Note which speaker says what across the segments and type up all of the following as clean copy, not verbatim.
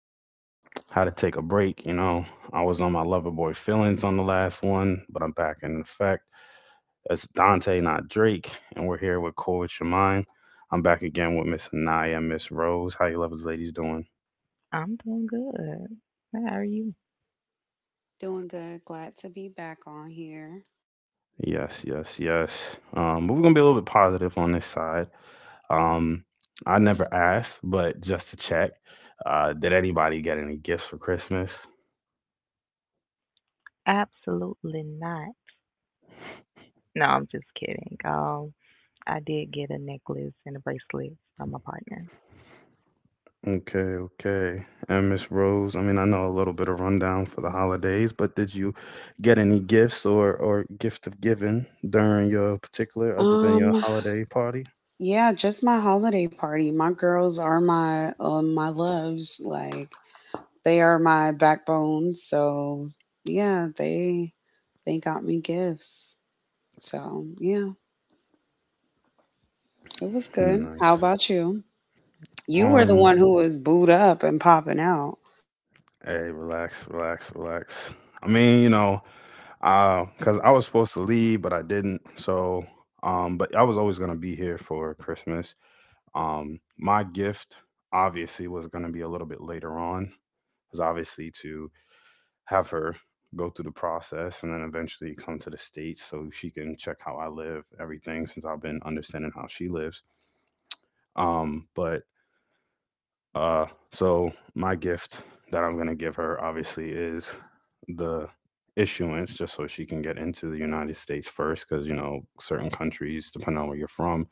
Speaker 1: in. Had to take a break, you know. I was on my lover boy feelings on the last one, but I'm back in effect. That's Dante, not Drake, and we're here with Cool With Your Mind. I'm back again with Miss Anaya, Miss Rose. How you lovers ladies doing?
Speaker 2: I'm doing good. How are you?
Speaker 3: Doing good. Glad to be back on here.
Speaker 1: Yes, yes, yes. But we're gonna be a little bit positive on this side. Um, I never asked, but just to check, did anybody get any gifts for Christmas?
Speaker 2: Absolutely not. No, I'm just kidding. I did get a necklace and a bracelet from my partner.
Speaker 1: Okay, okay. And Miss Rose, I mean, I know a little bit of rundown for the holidays, but did you get any gifts or gift of giving during your particular other than your
Speaker 3: Um,
Speaker 1: holiday party?
Speaker 3: yeah, just my holiday party. My girls are my my loves. Like they are my backbone. So yeah, they got me gifts. So yeah, it was
Speaker 1: Hmm,
Speaker 3: good. How
Speaker 1: nice.
Speaker 3: about you? You were the
Speaker 1: Um,
Speaker 3: one who was booed up and popping out.
Speaker 1: Hey, relax, relax, relax. I mean, you know, 'cause I was supposed to leave, but I didn't. So, but I was always gonna be here for Christmas. My gift obviously was gonna be a little bit later on, 'cause obviously to have her go through the process and then eventually come to the states, so she can check how I live everything since I've been understanding how she lives, but uh so my gift that I'm going to give her obviously is the issuance, just so she can get into the United States first, cuz you know certain countries depending on where you're from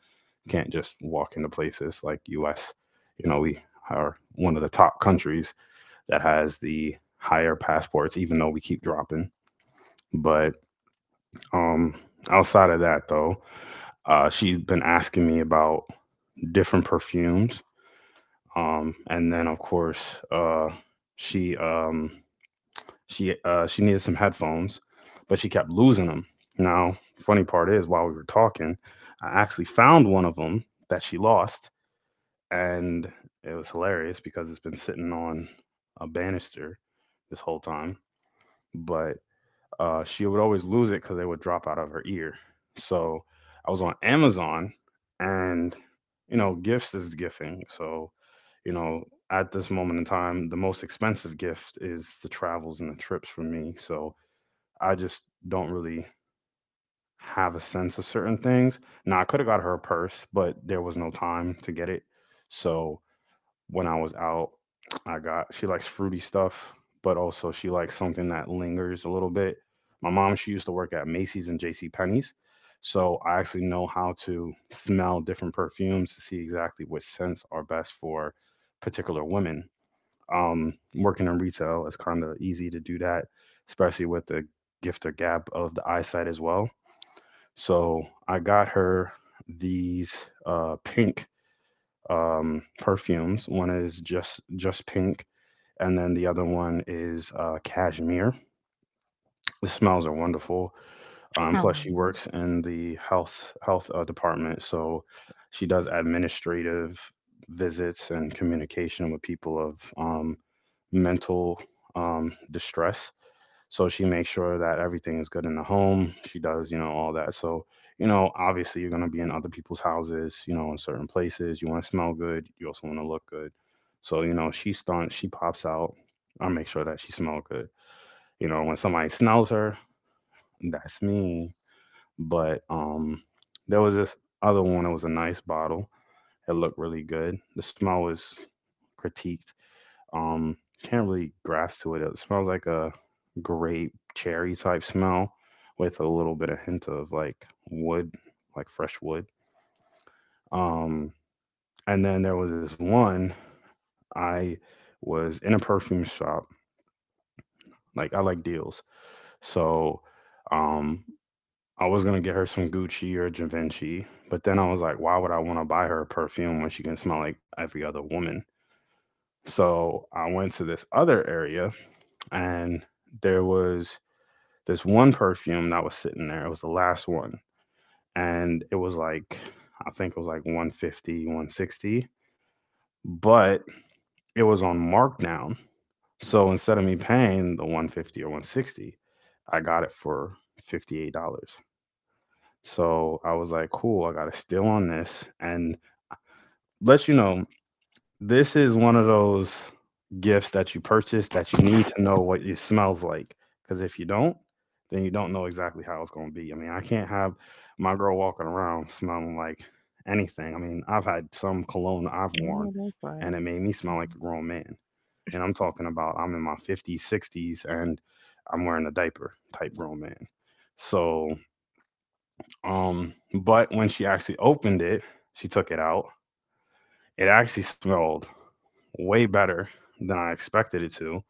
Speaker 1: can't just walk into places like US. You know, we are one of the top countries that has the higher passports, even though we keep dropping. But Um, outside of that, though, she's been asking me about different perfumes. And then of course, she um, she needed some headphones, but she kept losing them. Now, funny part is, while we were talking, I actually found one of them that she lost, and it was hilarious because it's been sitting on a banister this whole time. But she would always lose it because they would drop out of her ear. So I was on Amazon, and you know, gifts is gifting. So you know, at this moment in time, the most expensive gift is the travels and the trips for me. So I just don't really have a sense of certain things. Now I could have got her a purse, but there was no time to get it. So when I was out, I got, she likes fruity stuff, but also she likes something that lingers a little bit. My mom, she used to work at Macy's and J.C. Penney's, so I actually know how to smell different perfumes to see exactly which scents are best for particular women. Working in retail is kind of easy to do that, especially with the gift or gap of the eyesight as well. So I got her these pink perfumes. One is just pink, and then the other one is cashmere. The smells are wonderful.
Speaker 2: Oh,
Speaker 1: Plus, she works in the health department, so she does administrative visits and communication with people of mental distress. So she makes sure that everything is good in the home. She does, you know, all that. So, you know, obviously you're going to be in other people's houses, you know, in certain places. You want to smell good. You also want to look good. So, you know, she stunts, she pops out. I make sure that she smells good. You know, when somebody smells her, that's me. But there was this other one. It was a nice bottle. It looked really good. The smell was critique, um, can't really grasp to it. It smells like a grape cherry type smell with a little bit of hint of like wood, like fresh wood. Um, and then there was this one, I was in a perfume shop. Like, I like deals, so um, I was gonna get her some Gucci or Givenchy, but then I was like, why would I want to buy her a perfume when she can smell like every other woman? So I went to this other area, and there was this one perfume that was sitting there. It was the last one. And it was like, I think it was like 150, 160, but it was on markdown. So instead of me paying the 150 or 160, I got it for $58. So I was like, cool, I got a steal on this. And let you know, this is one of those gifts that you purchase that you need to know what it smells like. Because if you don't, then you don't know exactly how it's going to be. I mean, I can't have my girl walking around smelling like anything. I mean, I've had some cologne I've
Speaker 2: I know
Speaker 1: worn
Speaker 2: that's
Speaker 1: and
Speaker 2: right.
Speaker 1: it made me smell like
Speaker 2: Mm.
Speaker 1: a grown man. And I'm talking about, I'm in my 50s, 60s, and I'm wearing a diaper type grown man. So, but when she actually opened it, she took it out, it actually smelled way better than I expected it to.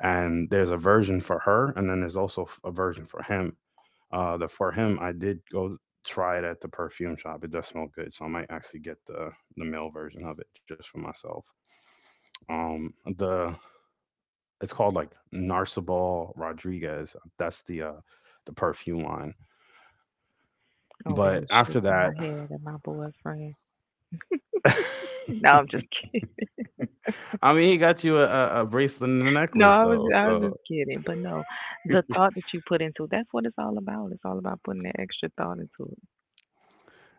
Speaker 1: And there's a version for her, and then there's also a version for him. The for him, I did go try it at the perfume shop. It does smell good, so I might actually get the male version of it just for myself. Um, the it's called like Narcibal Rodriguez. That's the perfume line.
Speaker 2: Over here
Speaker 1: But after
Speaker 2: shaking my
Speaker 1: that,
Speaker 2: head at my boyfriend. No, I'm just kidding.
Speaker 1: I mean, he got you a bracelet and a
Speaker 2: No,
Speaker 1: necklace
Speaker 2: I was
Speaker 1: though,
Speaker 2: I was just
Speaker 1: so.
Speaker 2: kidding. But no, the thought that you put into it, that's what it's all about. It's all about putting that extra thought into it.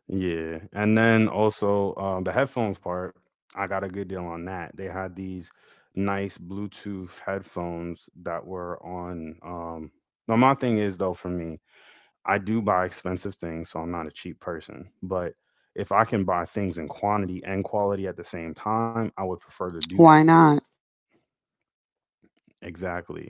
Speaker 1: Yeah, and then also the headphones part, I got a good deal on that. They had these nice Bluetooth headphones that were on. Now my thing is though, for me, I do buy expensive things, so I'm not a cheap person. But if I can buy things in quantity and quality at the same time, I would prefer to do that.
Speaker 3: Why not?
Speaker 1: Exactly.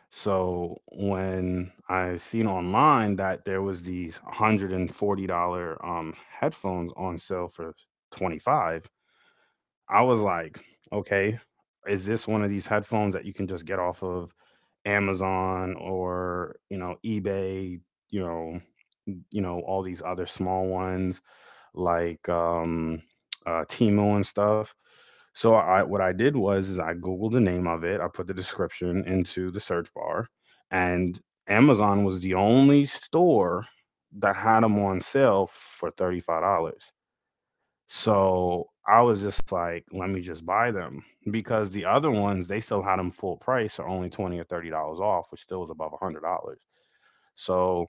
Speaker 1: So when I seen online that there was these $140 headphones on sale for 25, I was like, okay, is this one of these headphones that you can just get off of Amazon or, you know, eBay, you know, you know, all these other small ones like Timo and stuff. So I what I did was is I googled the name of it, I put the description into the search bar and Amazon was the only store that had them on sale for $35. So I was just like, let me just buy them, because the other ones they still had them full price or only $20 or $30 off, which still was above $100. So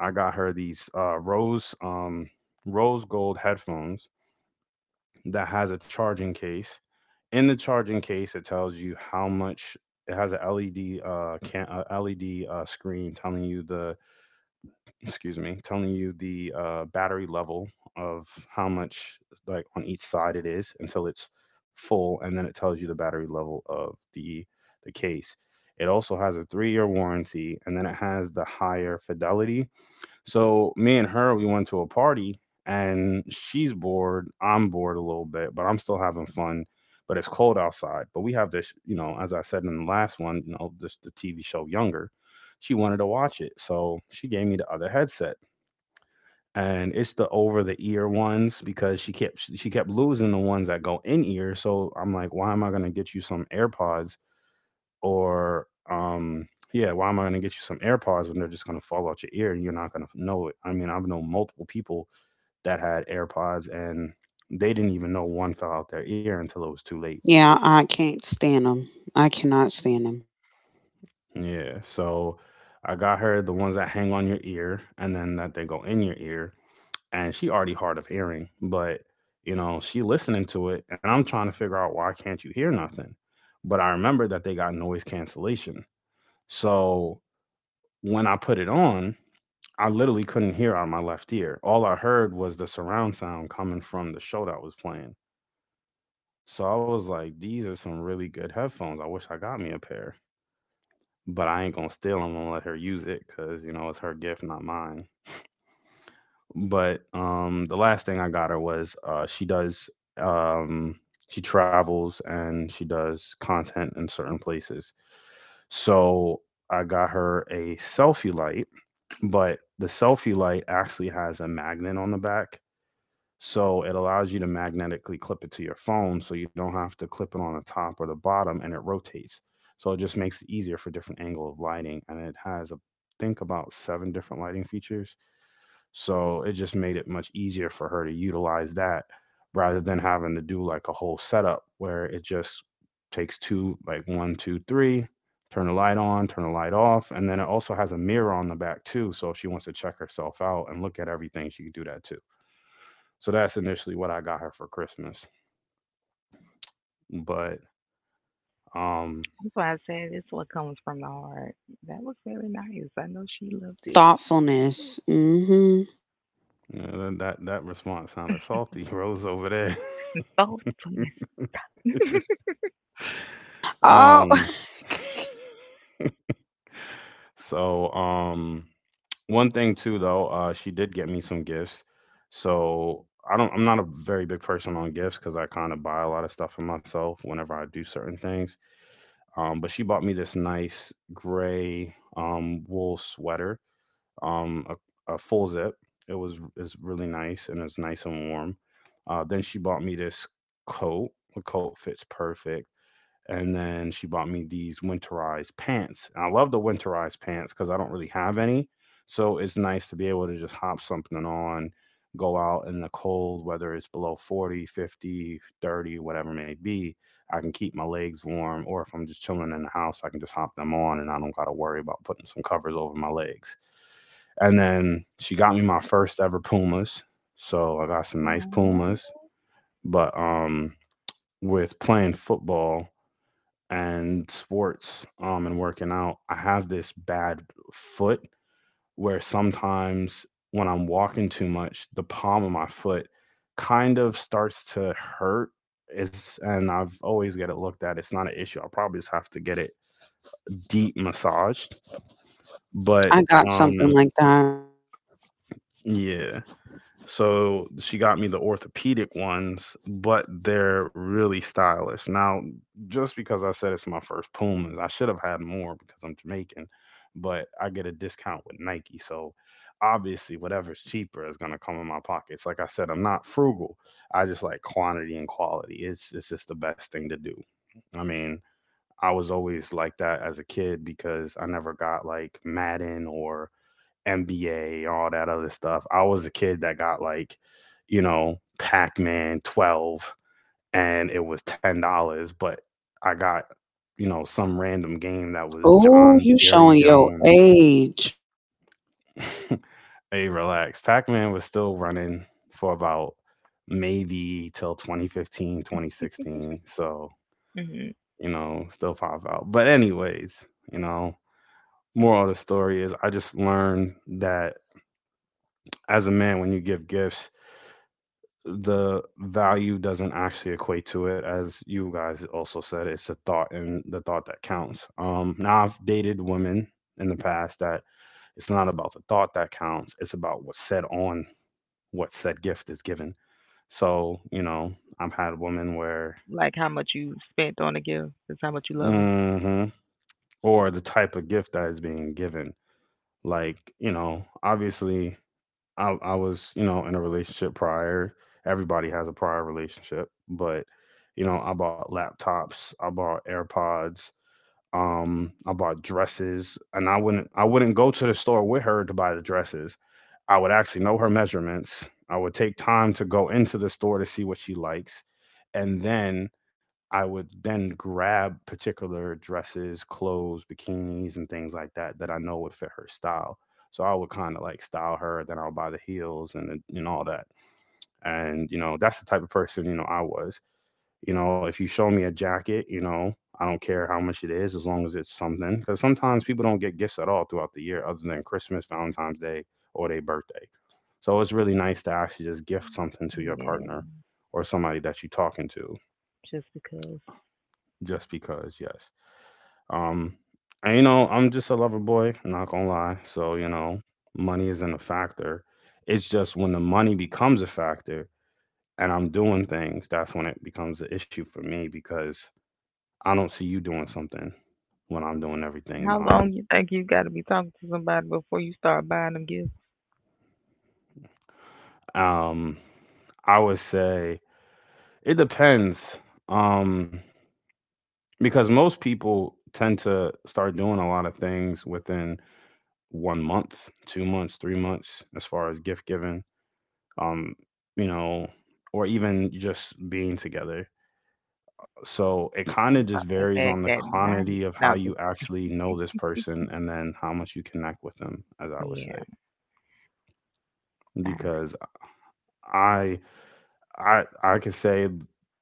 Speaker 1: I got her these rose gold headphones that has a charging case. In the charging case, it tells you how much. It has a LED, can, a LED screen telling you the, excuse me, telling you the battery level of how much like on each side it is until it's full, and then it tells you the battery level of the case. It also has a 3 year warranty, and then it has the higher fidelity. So me and her, we went to a party, and she's bored. I'm bored a little bit, but I'm still having fun. But it's cold outside. But we have this, you know, as I said in the last one, you know, this the TV show Younger. She wanted to watch it, so she gave me the other headset, and it's the over the ear ones because she kept losing the ones that go in ear. So I'm like, why am I gonna get you some AirPods or yeah, why am I going to get you some AirPods when they're just going to fall out your ear and you're not going to know it? I mean, I've known multiple people that had AirPods and they didn't even know one fell out their ear until it was too late.
Speaker 3: Yeah, I can't stand them. I cannot stand them.
Speaker 1: Yeah, so I got her the ones that hang on your ear and then that they go in your ear, and she already hard of hearing, but you know, she listening to it and I'm trying to figure out, why can't you hear nothing? But I remember that they got noise cancellation, so when I put it on, I literally couldn't hear out of my left ear. All I heard was the surround sound coming from the show that was playing. So I was like, these are some really good headphones. I wish I got me a pair, but I ain't gonna steal them and let her use it because you know it's her gift, not mine. But the last thing I got her was, she does, um, she travels and she does content in certain places. So I got her a selfie light, but the selfie light actually has a magnet on the back, so it allows you to magnetically clip it to your phone so you don't have to clip it on the top or the bottom, and it rotates. So it just makes it easier for different angle of lighting, and it has a, think about seven different lighting features. So it just made it much easier for her to utilize that rather than having to do like a whole setup where it just takes two, like one, two, three, turn the light on, turn the light off. And then it also has a mirror on the back too. So if she wants to check herself out and look at everything, she can do that too. So that's initially what I got her for Christmas. But um
Speaker 2: That's why I said it's what comes from the heart. That was very nice. I know she loved it.
Speaker 3: Thoughtfulness. Mm-hmm.
Speaker 1: yeah, that response sounded salty, Rose over there.
Speaker 2: Thoughtfulness.
Speaker 3: Oh.
Speaker 1: um so um One thing too though, she did get me some gifts. So I'm not a very big person on gifts cuz I kind of buy a lot of stuff for myself whenever I do certain things. But she bought me this nice gray wool sweater, um, a full zip. It's really nice, and it's nice and warm. Then she bought me this coat. The coat fits perfect. And then she bought me these winterized pants. And I love the winterized pants because I don't really have any. So it's nice to be able to just hop something on, go out in the cold, whether it's below 40, 50, 30, whatever it may be. I can keep my legs warm. Or if I'm just chilling in the house, I can just hop them on and I don't got to worry about putting some covers over my legs. And then she got me my first ever Pumas. So I got some nice
Speaker 2: Aw.
Speaker 1: Pumas. But with playing football and sports and working out, I have this bad foot where sometimes when I'm walking too much, the palm of my foot kind of starts to hurt. And I've always got it looked at. It's not an issue. I'll probably just have to get it deep massaged. But
Speaker 3: I got something
Speaker 1: um
Speaker 3: like that.
Speaker 1: yeah. So she got me the orthopedic ones, but they're really stylish. Now, just because I said it's my first Pumas, I should have had more because I'm Jamaican, but I get a discount with Nike. So obviously, whatever's cheaper is going to come in my pockets. Like I said, I'm not frugal. I just like quantity and quality. It's just the best thing to do. I mean, I was always like that as a kid because I never got like Madden or NBA, all that other stuff. I was a kid that got like, Pac Man 12, and it was $10, but I got, some random game that was
Speaker 3: Oh,
Speaker 1: John
Speaker 3: you
Speaker 1: Barry
Speaker 3: showing your
Speaker 1: Jones.
Speaker 3: age.
Speaker 1: Hey, relax. Pac Man was still running for about maybe till 2015, 2016. So,
Speaker 2: Hmm.
Speaker 1: still pop out. But anyways, you know, moral of the story is I just learned that as a man, when you give gifts, the value doesn't actually equate to it. As you guys also said, it's the thought, and the thought that counts. Now I've dated women in the past that, it's not about the thought that counts, it's about what's said on what said gift is given. So I've had women where,
Speaker 2: Like how much you spent on a gift is how much you love them.
Speaker 1: hmm, or the type of gift that is being given, like obviously, I was, in a relationship prior. Everybody has a prior relationship, but I bought laptops, I bought AirPods, I bought dresses, and I wouldn't go to the store with her to buy the dresses. I would actually know her measurements. I would take time to go into the store to see what she likes, and then I would then grab particular dresses, clothes, bikinis, and things like that that I know would fit her style. So I would kind of like style her, then I would buy the heels and all that. And that's the type of person I was. If you show me a jacket, I don't care how much it is, as long as it's something. Because sometimes people don't get gifts at all throughout the year other than Christmas, Valentine's Day, or their birthday. So it's really nice to actually just gift something to your
Speaker 2: Yeah,
Speaker 1: partner or somebody that you're talking to,
Speaker 2: just because.
Speaker 1: just because, yes. Um, and, I'm just a lover boy, not gonna lie. So, money isn't a factor. It's just when the money becomes a factor and I'm doing things, that's when it becomes an issue for me because I don't see you doing something when I'm doing everything
Speaker 2: How
Speaker 1: behind.
Speaker 2: long you think you got to be talking to somebody before you start buying them gifts?
Speaker 1: Um, I would say it depends. Um, because most people tend to start doing a lot of things within 1 month, 2 months, 3 months, as far as gift giving, um, you know, or even just being together. So it kind
Speaker 2: I'm
Speaker 1: of just
Speaker 2: pop that
Speaker 1: varies
Speaker 2: back
Speaker 1: on the
Speaker 2: that night.
Speaker 1: quantity of
Speaker 2: No,
Speaker 1: how
Speaker 2: I'm just
Speaker 1: you actually know this person and then how much you connect with them, as I
Speaker 2: kidding.
Speaker 1: would
Speaker 2: Yeah,
Speaker 1: say.
Speaker 2: I agree.
Speaker 1: Because I I could say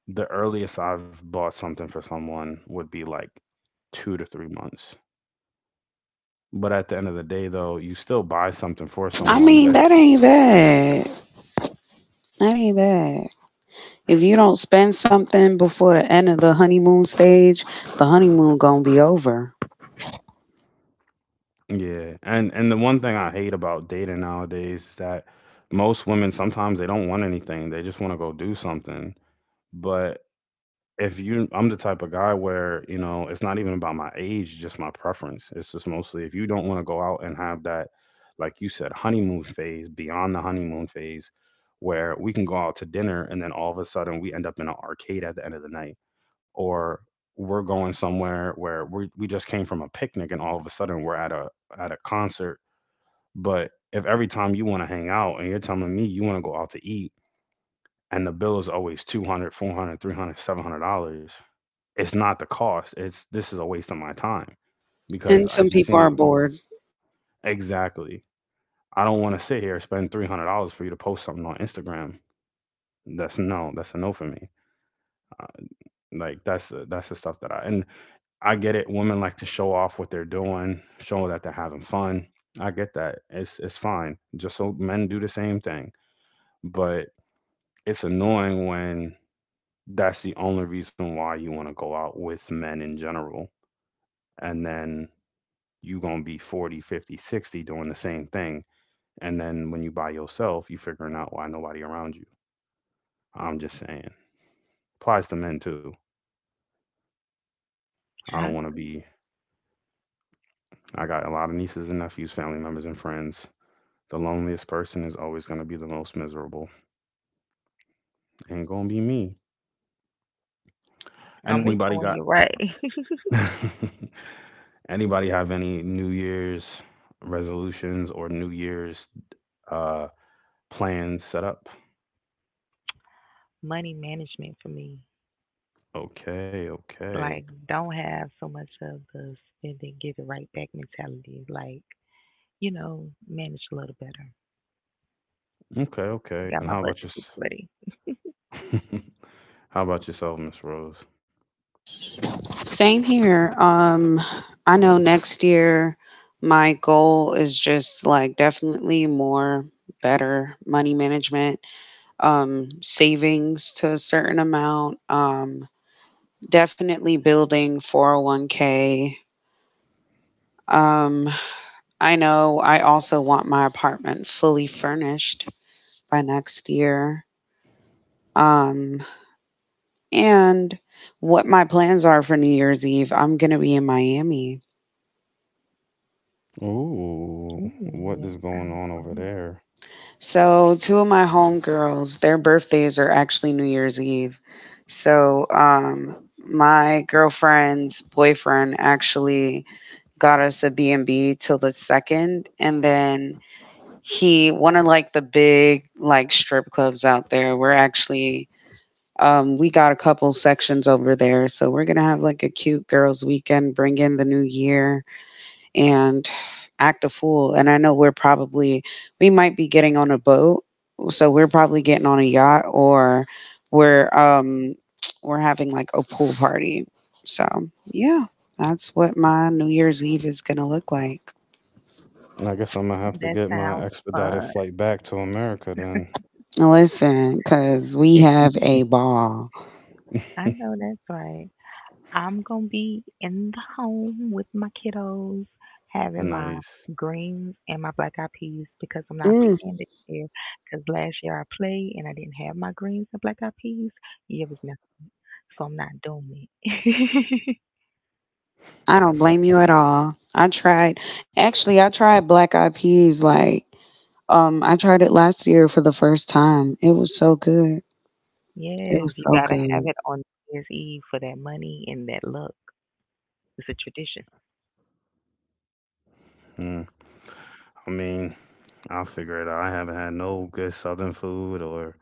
Speaker 1: the earliest I've bought something for someone would be like 2 to 3 months. But at the end of the day, though, you still buy something for
Speaker 3: I
Speaker 1: someone.
Speaker 3: mean, that ain't bad. That ain't bad. If you don't spend something before the end of the honeymoon stage, the honeymoon gonna be over.
Speaker 1: Yeah, and the one thing I hate about dating nowadays is that most women sometimes they don't want anything; they just want to go do something. But if you I'm the type of guy where, it's not even about my age, just my preference. It's just mostly if you don't want to go out and have that, like you said, honeymoon phase, beyond the honeymoon phase, where we can go out to dinner and then all of a sudden we end up in an arcade at the end of the night. Or we're going somewhere where we just came from a picnic and all of a sudden we're at a concert. But if every time you want to hang out and you're telling me you want to go out to eat, and the bill is always 200, 400, 300, $700, it's not the cost. It's, this is a waste of my time because
Speaker 3: And
Speaker 1: it
Speaker 3: some
Speaker 1: just
Speaker 3: people are
Speaker 1: seems,
Speaker 3: bored.
Speaker 1: exactly. I don't want to sit here and spend $300 for you to post something on Instagram. That's a no for me. Uh, like that's the, stuff that I get it. Women like to show off what they're doing, show that they're having fun. I get that. It's fine. Just so men do the same thing, but it's annoying when that's the only reason why you want to go out with men in general, and then you're going to be 40, 50, 60 doing the same thing. And then when you by yourself, you figuring out why nobody around you. I'm just saying. Applies to men too. I don't
Speaker 2: Huh?
Speaker 1: want to be, I got a lot of nieces and nephews, family members, and friends. The loneliest person is always going to be the most miserable. Ain't going to be me.
Speaker 2: I'm with
Speaker 1: Anybody
Speaker 2: you
Speaker 1: got,
Speaker 2: on your right.
Speaker 1: anybody have any New Year's resolutions or New Year's uh, plans set up?
Speaker 2: Money management for me,
Speaker 1: Okay, okay,
Speaker 2: like, don't have so much of the spend and give it right back mentality. Like, you know, manage a little better.
Speaker 1: okay.
Speaker 2: I got
Speaker 1: And
Speaker 2: my
Speaker 1: how about
Speaker 2: budget
Speaker 1: just,
Speaker 2: books ready.
Speaker 1: how about yourself, Miss Rose?
Speaker 3: Same here. I know next year my goal is just like definitely more better money management, savings to a certain amount, definitely building 401k. Um, I know I also want my apartment fully furnished by next year. Um, and what my plans are for New Year's Eve, I'm going to be in Miami.
Speaker 1: Ooh,
Speaker 2: Ooh,
Speaker 1: what is
Speaker 2: that
Speaker 1: going on
Speaker 2: sounds
Speaker 1: over
Speaker 2: fun.
Speaker 1: there?
Speaker 3: So, two of my homegirls, their birthdays are actually New Year's Eve. So, my girlfriend's boyfriend actually got us a B and b till the second, and then he one of like the big like strip clubs out there. We're actually, we got a couple sections over there, so we're gonna have like a cute girls' weekend, bring in the new year and act a fool. And I know we're probably, we might be getting on a boat. So we're probably getting on a yacht or we're, we're having like a pool party. So yeah, that's what my New Year's Eve is going to look like.
Speaker 1: I guess I'm gonna have to
Speaker 2: That
Speaker 1: get my
Speaker 2: sounds
Speaker 1: expedited
Speaker 2: fun.
Speaker 1: flight back to America then.
Speaker 3: Listen, because we have a ball.
Speaker 2: I know that's right. I'm gonna be in the home with my kiddos, having my
Speaker 1: Nice.
Speaker 2: greens and my black eyed peas because I'm not
Speaker 3: Mm.
Speaker 2: playing this year. Because last year I played and I didn't have my greens and black eyed peas. Yeah, it was nothing, so I'm not doing it.
Speaker 3: I don't blame you at all. I tried, actually, I tried Black Eyed Peas like, I tried it last year for the first time. It was so good. It
Speaker 2: Yes,
Speaker 3: was
Speaker 2: you
Speaker 3: so
Speaker 2: gotta have
Speaker 3: good.
Speaker 2: it on New Year's Eve for that money and that luck. It's a tradition.
Speaker 1: Mm. I mean, I'll figure it out. I haven't had no good Southern food or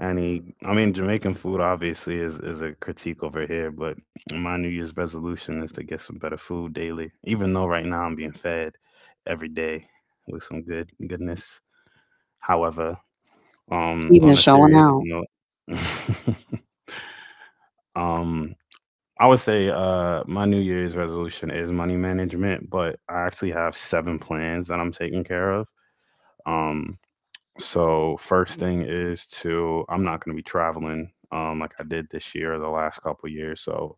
Speaker 1: any. I mean, Jamaican food obviously is a critique over here, but my New Year's resolution is to get some better food daily, even though right now I'm being fed every day with some good goodness. However,
Speaker 3: Even
Speaker 1: on a
Speaker 3: showing
Speaker 1: serious
Speaker 3: out.
Speaker 1: note, um, I would say my New Year's resolution is money management, but I actually have seven plans that I'm taking care of. Um, so first thing is to I'm not going to be traveling like I did this year or the last couple years. So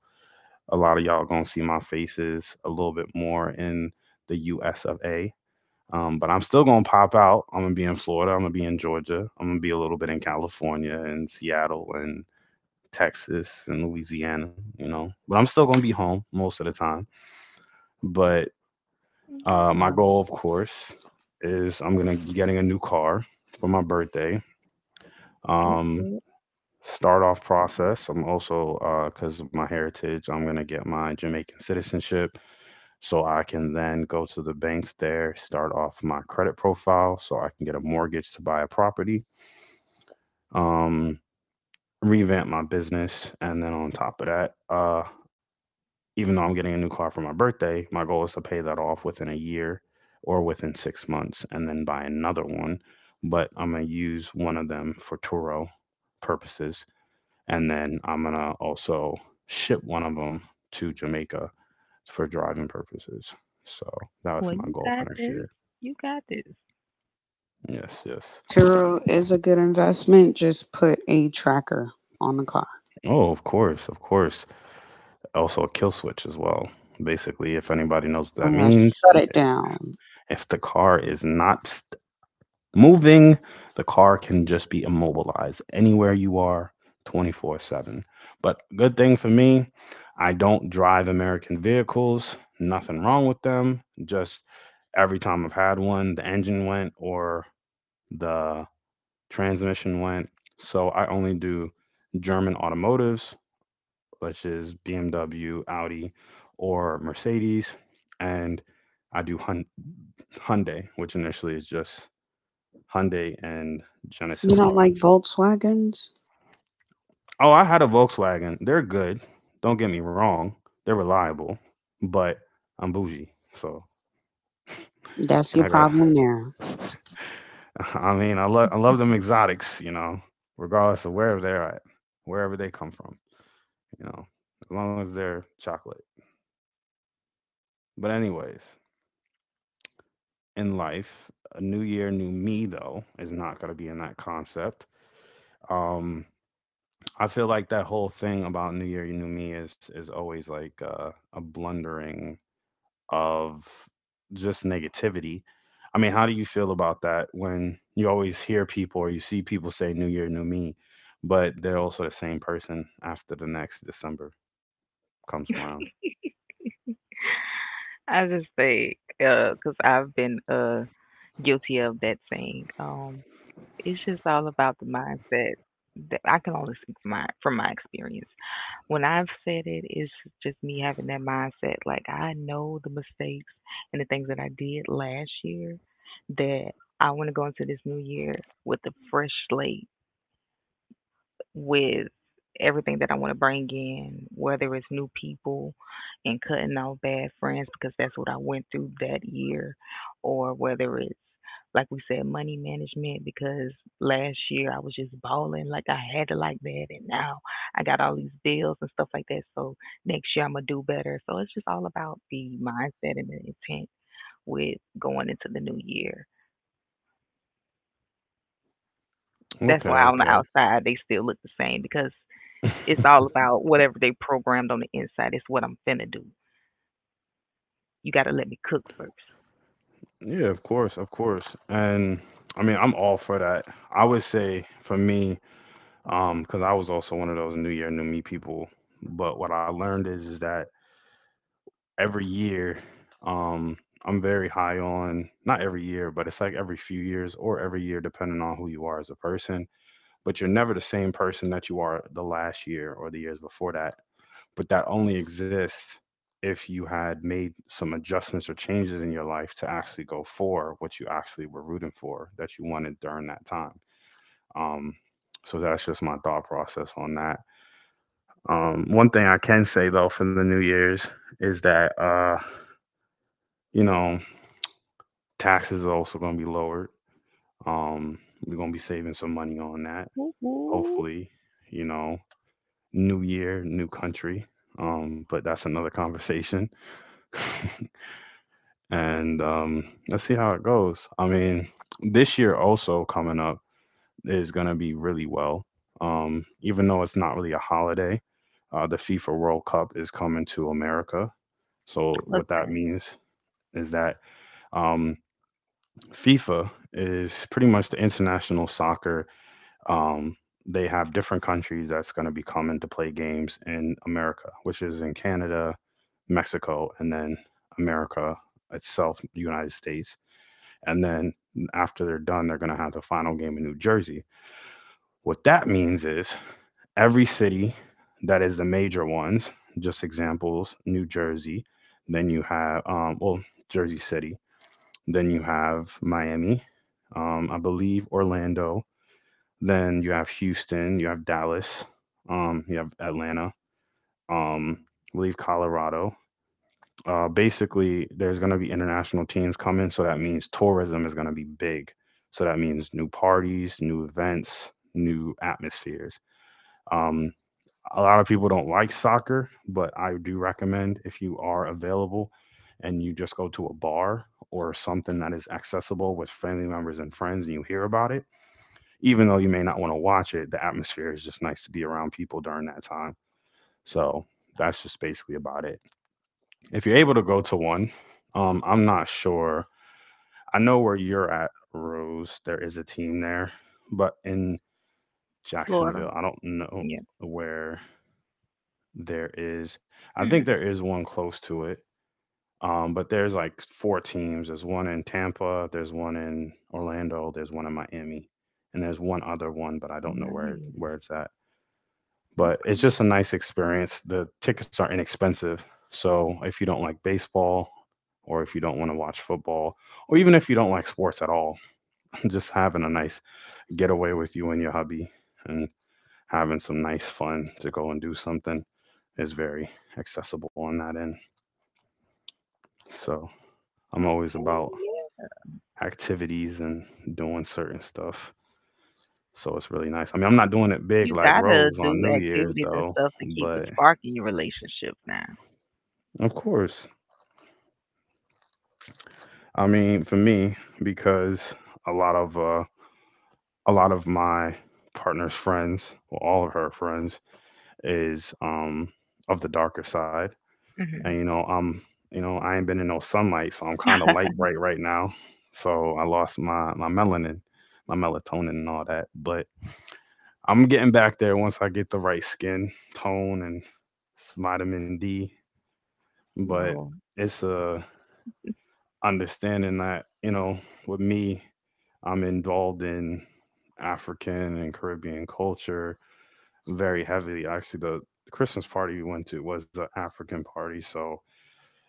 Speaker 1: a lot of y'all going to see my faces a little bit more in the U.S. of A. But I'm still going to pop out. I'm going to be in Florida. I'm going to be in Georgia. I'm going to be a little bit in California and Seattle and Texas and Louisiana, But I'm still gonna be home most of the time. But My
Speaker 2: Yeah.
Speaker 1: goal, of course, is I'm gonna be getting a new car for my birthday.
Speaker 2: Well,
Speaker 1: Um,
Speaker 2: well,
Speaker 1: Start off process. I'm also because of my heritage, I'm gonna get my Jamaican citizenship, so I can then go to the banks there, start off my credit profile, so I can get a mortgage to buy a property. Um, Revamp my business, and then on top of that, even though I'm getting a new car for my birthday, my goal is to pay that off within a year or within 6 months and then buy another one. But I'm going to use one of them for Turo purposes. And then I'm going to also ship one of them to Jamaica for driving purposes. So that was
Speaker 2: well,
Speaker 1: my
Speaker 2: you
Speaker 1: goal for
Speaker 2: got
Speaker 1: next
Speaker 2: this.
Speaker 1: year.
Speaker 2: You got this.
Speaker 1: Yes, yes.
Speaker 3: Turo is a good investment. Just put a tracker on the car.
Speaker 1: Oh, of course, of course. Also, a kill switch as well. Basically, if anybody knows what
Speaker 3: Oh
Speaker 1: that
Speaker 3: yeah,
Speaker 1: means,
Speaker 3: shut it down.
Speaker 1: if the car is not moving, the car can just be immobilized anywhere you are 24/7. But good thing for me, I don't drive American vehicles, nothing wrong with them. Just every time I've had one, the engine went or the transmission went. So I only do German automotives, which is BMW, Audi, or Mercedes. And I do Hyundai, which initially is just Hyundai and Genesis
Speaker 3: You don't like
Speaker 1: cars.
Speaker 3: Volkswagens?
Speaker 1: Oh, I had a Volkswagen. They're good. Don't get me wrong. They're reliable, but I'm bougie. So
Speaker 3: That's your
Speaker 1: I got.
Speaker 3: problem there.
Speaker 1: I mean, I love them exotics. You know, regardless of wherever they're at, wherever they come from. You know, as long as they're chocolate. But anyways, in life, a new year, new me though is not gonna be in that concept. Um, I feel like that whole thing about New Year, New Me is always like a blundering of just negativity. I mean, how do you feel about that when you always hear people or you see people say new year new me, but they're also the same person after the next December comes around?
Speaker 2: I just say, cause I've been guilty of that saying. It's just all about the mindset. That I can only speak from my experience. When I've said it, it's just me having that mindset. Like I know the mistakes and the things that I did last year. That I want to go into this new year with a fresh slate with everything that I want to bring in, whether it's new people and cutting off bad friends because that's what I went through that year, or whether it's like we said, money management because last year I was just balling like I had to like that, and now I got all these bills and stuff like that. So next year I'm gonna do better. So it's just all about the mindset and the intent with going into the new year. That's why
Speaker 1: Okay,
Speaker 2: on the
Speaker 1: okay.
Speaker 2: outside they still look the same because it's all about whatever they programmed on the inside. It's what I'm finna do. You gotta let me cook first.
Speaker 1: Yeah, of course, of course. And I mean, I'm all for that. I would say for me, because I was also one of those New Year, New Me people. But what I learned is that every year um I'm very high on not every year, but it's like every few years or every year depending on who you are as a person, but you're never the same person that you are the last year or the years before that, but that only exists if you had made some adjustments or changes in your life to actually go for what you actually were rooting for that you wanted during that time. um so that's just my thought process on that. One thing I can say though for the new year's is that you know taxes are also going to be lowered. Um, we're going to be saving some money on that.
Speaker 2: Whoop, whoop.
Speaker 1: Hopefully, you know, new year, new country. But that's another conversation. and Let's see how it goes. I mean, this year also coming up is going to be really well. Even though it's not really a holiday, the FIFA World Cup is coming to America. So
Speaker 2: What's
Speaker 1: what that
Speaker 2: that?
Speaker 1: means is that um, FIFA is pretty much the international soccer, um, they have different countries that's going to be coming to play games in America, which is in Canada, Mexico, and then America itself, the United States. And then after they're done, they're going to have the final game in New Jersey. What that means is every city that is the major ones, just examples, New Jersey, then you have, well, Jersey City, then you have Miami, I believe Orlando, then you have Houston, you have Dallas, you have Atlanta, I believe Colorado. Basically, there's going to be international teams coming, so that means tourism is going to be big. So that means new parties, new events, new atmospheres. Um, a lot of people don't like soccer, but I do recommend if you are available and you just go to a bar or something that is accessible with family members and friends and you hear about it even though you may not want to watch it, the atmosphere is just nice to be around people during that time. So that's just basically about it. If you're able to go to one, I'm not sure. I know where you're at, Rose. There is a team there, but in
Speaker 2: Florida.
Speaker 1: Jacksonville, I don't know
Speaker 2: Yeah.
Speaker 1: where there is. I think
Speaker 2: Hmm.
Speaker 1: there is one close to it. But there's like four teams. There's one in Tampa. There's one in Orlando. There's one in Miami, and there's one other one, but I don't know where
Speaker 2: Nice.
Speaker 1: where it's at. But it's just a nice experience. The tickets are inexpensive. So if you don't like baseball or if you don't want to watch football or even if you don't like sports at all, just having a nice getaway with you and your hubby and having some nice fun to go and do something is very accessible on that end. So I'm always
Speaker 2: Okay.
Speaker 1: about
Speaker 2: Yeah.
Speaker 1: activities and doing certain stuff. So it's really nice. I mean, I'm not doing it
Speaker 2: You
Speaker 1: big like
Speaker 2: gotta
Speaker 1: Rose
Speaker 2: do
Speaker 1: on New
Speaker 2: activities
Speaker 1: Year's
Speaker 2: and
Speaker 1: though,
Speaker 2: stuff to keep the
Speaker 1: but
Speaker 2: spark in your relationship now.
Speaker 1: of course, I mean, for me, because a lot of uh, a lot of my partner's friends, well, all of her friends, is of the darker side, and
Speaker 2: Hmm.
Speaker 1: you know, I ain't been in no sunlight, so I'm kind of light bright right now. So I lost my melanin, my melatonin, and all that. But I'm getting back there once I get the right skin tone and vitamin D. But
Speaker 2: No.
Speaker 1: it's a understanding that you know, with me, I'm involved in African and Caribbean culture very heavily. Actually, the Christmas party we went to was an African party, so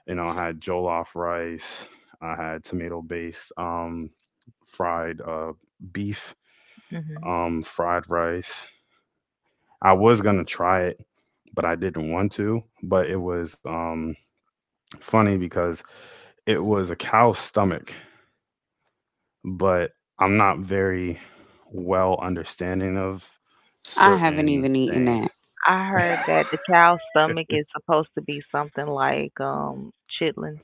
Speaker 1: you know I had jollof rice, I had tomato based fried beef,
Speaker 2: Hmm.
Speaker 1: fried rice. I was gonna try it, but I didn't want to. But it was funny because it was a cow's stomach, but I'm not very well understanding of
Speaker 3: I haven't
Speaker 1: certain
Speaker 3: even eaten
Speaker 1: things.
Speaker 3: that.
Speaker 2: I heard that the cow's stomach is supposed to be something like chitlins.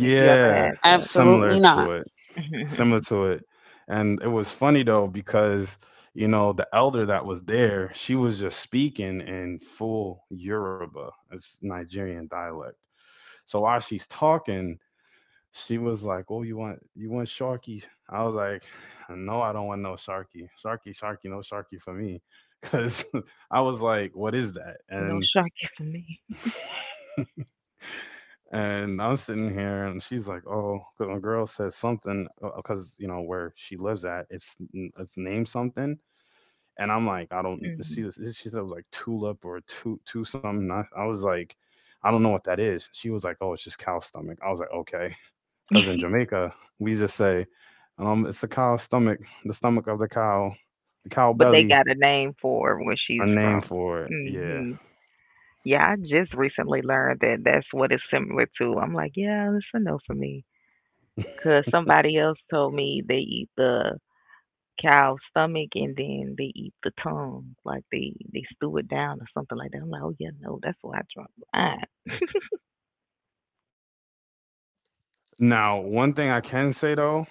Speaker 2: If you ever had that.
Speaker 3: Absolutely
Speaker 1: similar
Speaker 3: not.
Speaker 1: to it,
Speaker 2: Hmm.
Speaker 1: similar to it. And it was funny though because, you know, the elder that was there, she was just speaking in full Yoruba, it's Nigerian dialect. So while she's talking, she was like, "Oh, you want Sharky?" I was like, "No, I don't want no Sharky. Sharky, Sharky, no Sharky for me." Cuz I was like, "What is that?"
Speaker 2: No sharky for me.
Speaker 1: And I'm sitting here, and she's like, "Oh, 'cause my girl says something, because you know where she lives at, it's it's named something." And I'm like, "I don't
Speaker 2: Hmm.
Speaker 1: see this." She said it was like tulip or two two something. I was like, "I don't know what that is." She was like, "Oh, it's just cow stomach." I was like, "Okay," because in Jamaica we just say, it's the cow stomach, the stomach of the cow
Speaker 2: But they
Speaker 1: belly."
Speaker 2: got a name for where she's
Speaker 1: A
Speaker 2: from.
Speaker 1: name for it, yeah.
Speaker 2: Mhm. Yeah, I just recently learned that that's what it's similar to. I'm like, yeah, that's a no for me. 'Cause somebody else told me they eat the cow's stomach and then they eat the tongue, like they stew it down or something like that. I'm like, oh yeah, no, that's what I drunk. Fine.
Speaker 1: Now, one thing I can say though,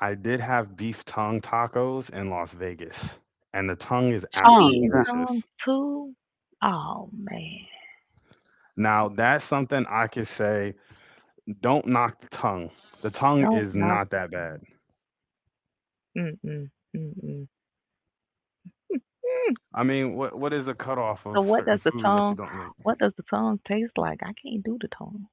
Speaker 1: I did have beef tongue tacos in Las Vegas, and the tongue is
Speaker 2: You
Speaker 1: actually
Speaker 3: Tongue.
Speaker 2: eating tongue
Speaker 1: delicious.
Speaker 2: too? Oh man,
Speaker 1: Now, that's something I could say, don't knock the tongue. The tongue
Speaker 2: don't
Speaker 1: is
Speaker 2: knock
Speaker 1: not
Speaker 2: the
Speaker 1: that
Speaker 2: tongue.
Speaker 1: bad.
Speaker 2: Mm, mm, mm, mm.
Speaker 1: I mean, what is a cutoff of
Speaker 2: So what
Speaker 1: certain
Speaker 2: does the
Speaker 1: foods that you
Speaker 2: tongue
Speaker 1: don't like?
Speaker 2: what does the tongue taste like? I can't do the tongue.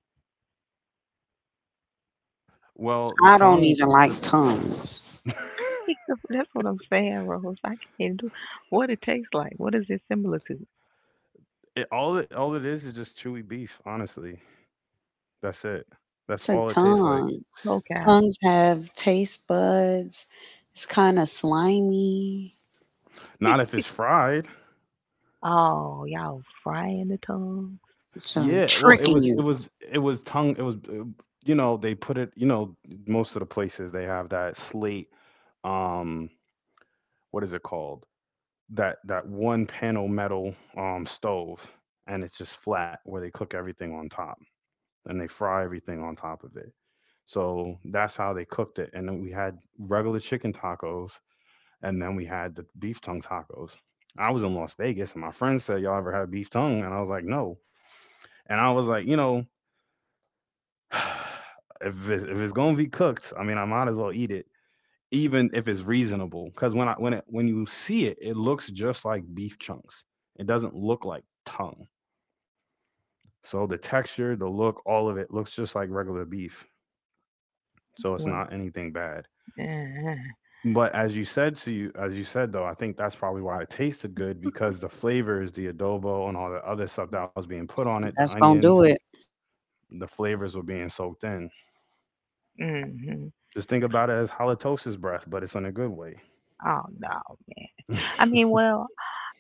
Speaker 1: Well, the
Speaker 3: I don't
Speaker 1: tongue,
Speaker 3: even
Speaker 1: the
Speaker 3: like tongues.
Speaker 2: That's what I'm saying, Rose. I can't do what it tastes like. What is it similar to?
Speaker 1: it, all it is just chewy beef, honestly. That's it. That's
Speaker 3: It's a
Speaker 1: all it tastes like.
Speaker 3: tongue.
Speaker 2: Okay.
Speaker 3: Tongues have taste buds. It's kind of slimy.
Speaker 1: Not if it's fried.
Speaker 2: Oh, y'all frying the tongue?
Speaker 3: So they
Speaker 1: Yeah, well, it
Speaker 3: tricking
Speaker 1: was it
Speaker 3: you.
Speaker 1: was it was tongue it was you know, they put it, you know, most of the places they have that slate um what is it called? That that one panel metal stove and it's just flat where they cook everything on top and they fry everything on top of it. So that's how they cooked it and then we had regular chicken tacos and then we had the beef tongue tacos. I was in Las Vegas and my friend said, "Y'all ever had beef tongue?" and I was like, "No." And I was like, you know, if it's gonna be cooked, I mean, I might as well eat it, even if it's reasonable. Because when you see it, it looks just like beef chunks. It doesn't look like tongue. So the texture, the look, all of it looks just like regular beef. So it's
Speaker 2: Well,
Speaker 1: not anything bad.
Speaker 2: uh,
Speaker 1: But as you said to you, As you said though, I think that's probably why it tasted good because the flavors, the adobo and all the other stuff that was being put on it, the
Speaker 3: That's gonna
Speaker 1: onions,
Speaker 3: do it.
Speaker 1: the flavors were being soaked in.
Speaker 2: mm-hmm.
Speaker 1: Just think about it as halitosis breath, but it's in a good way.
Speaker 2: Oh no, man. I mean, well,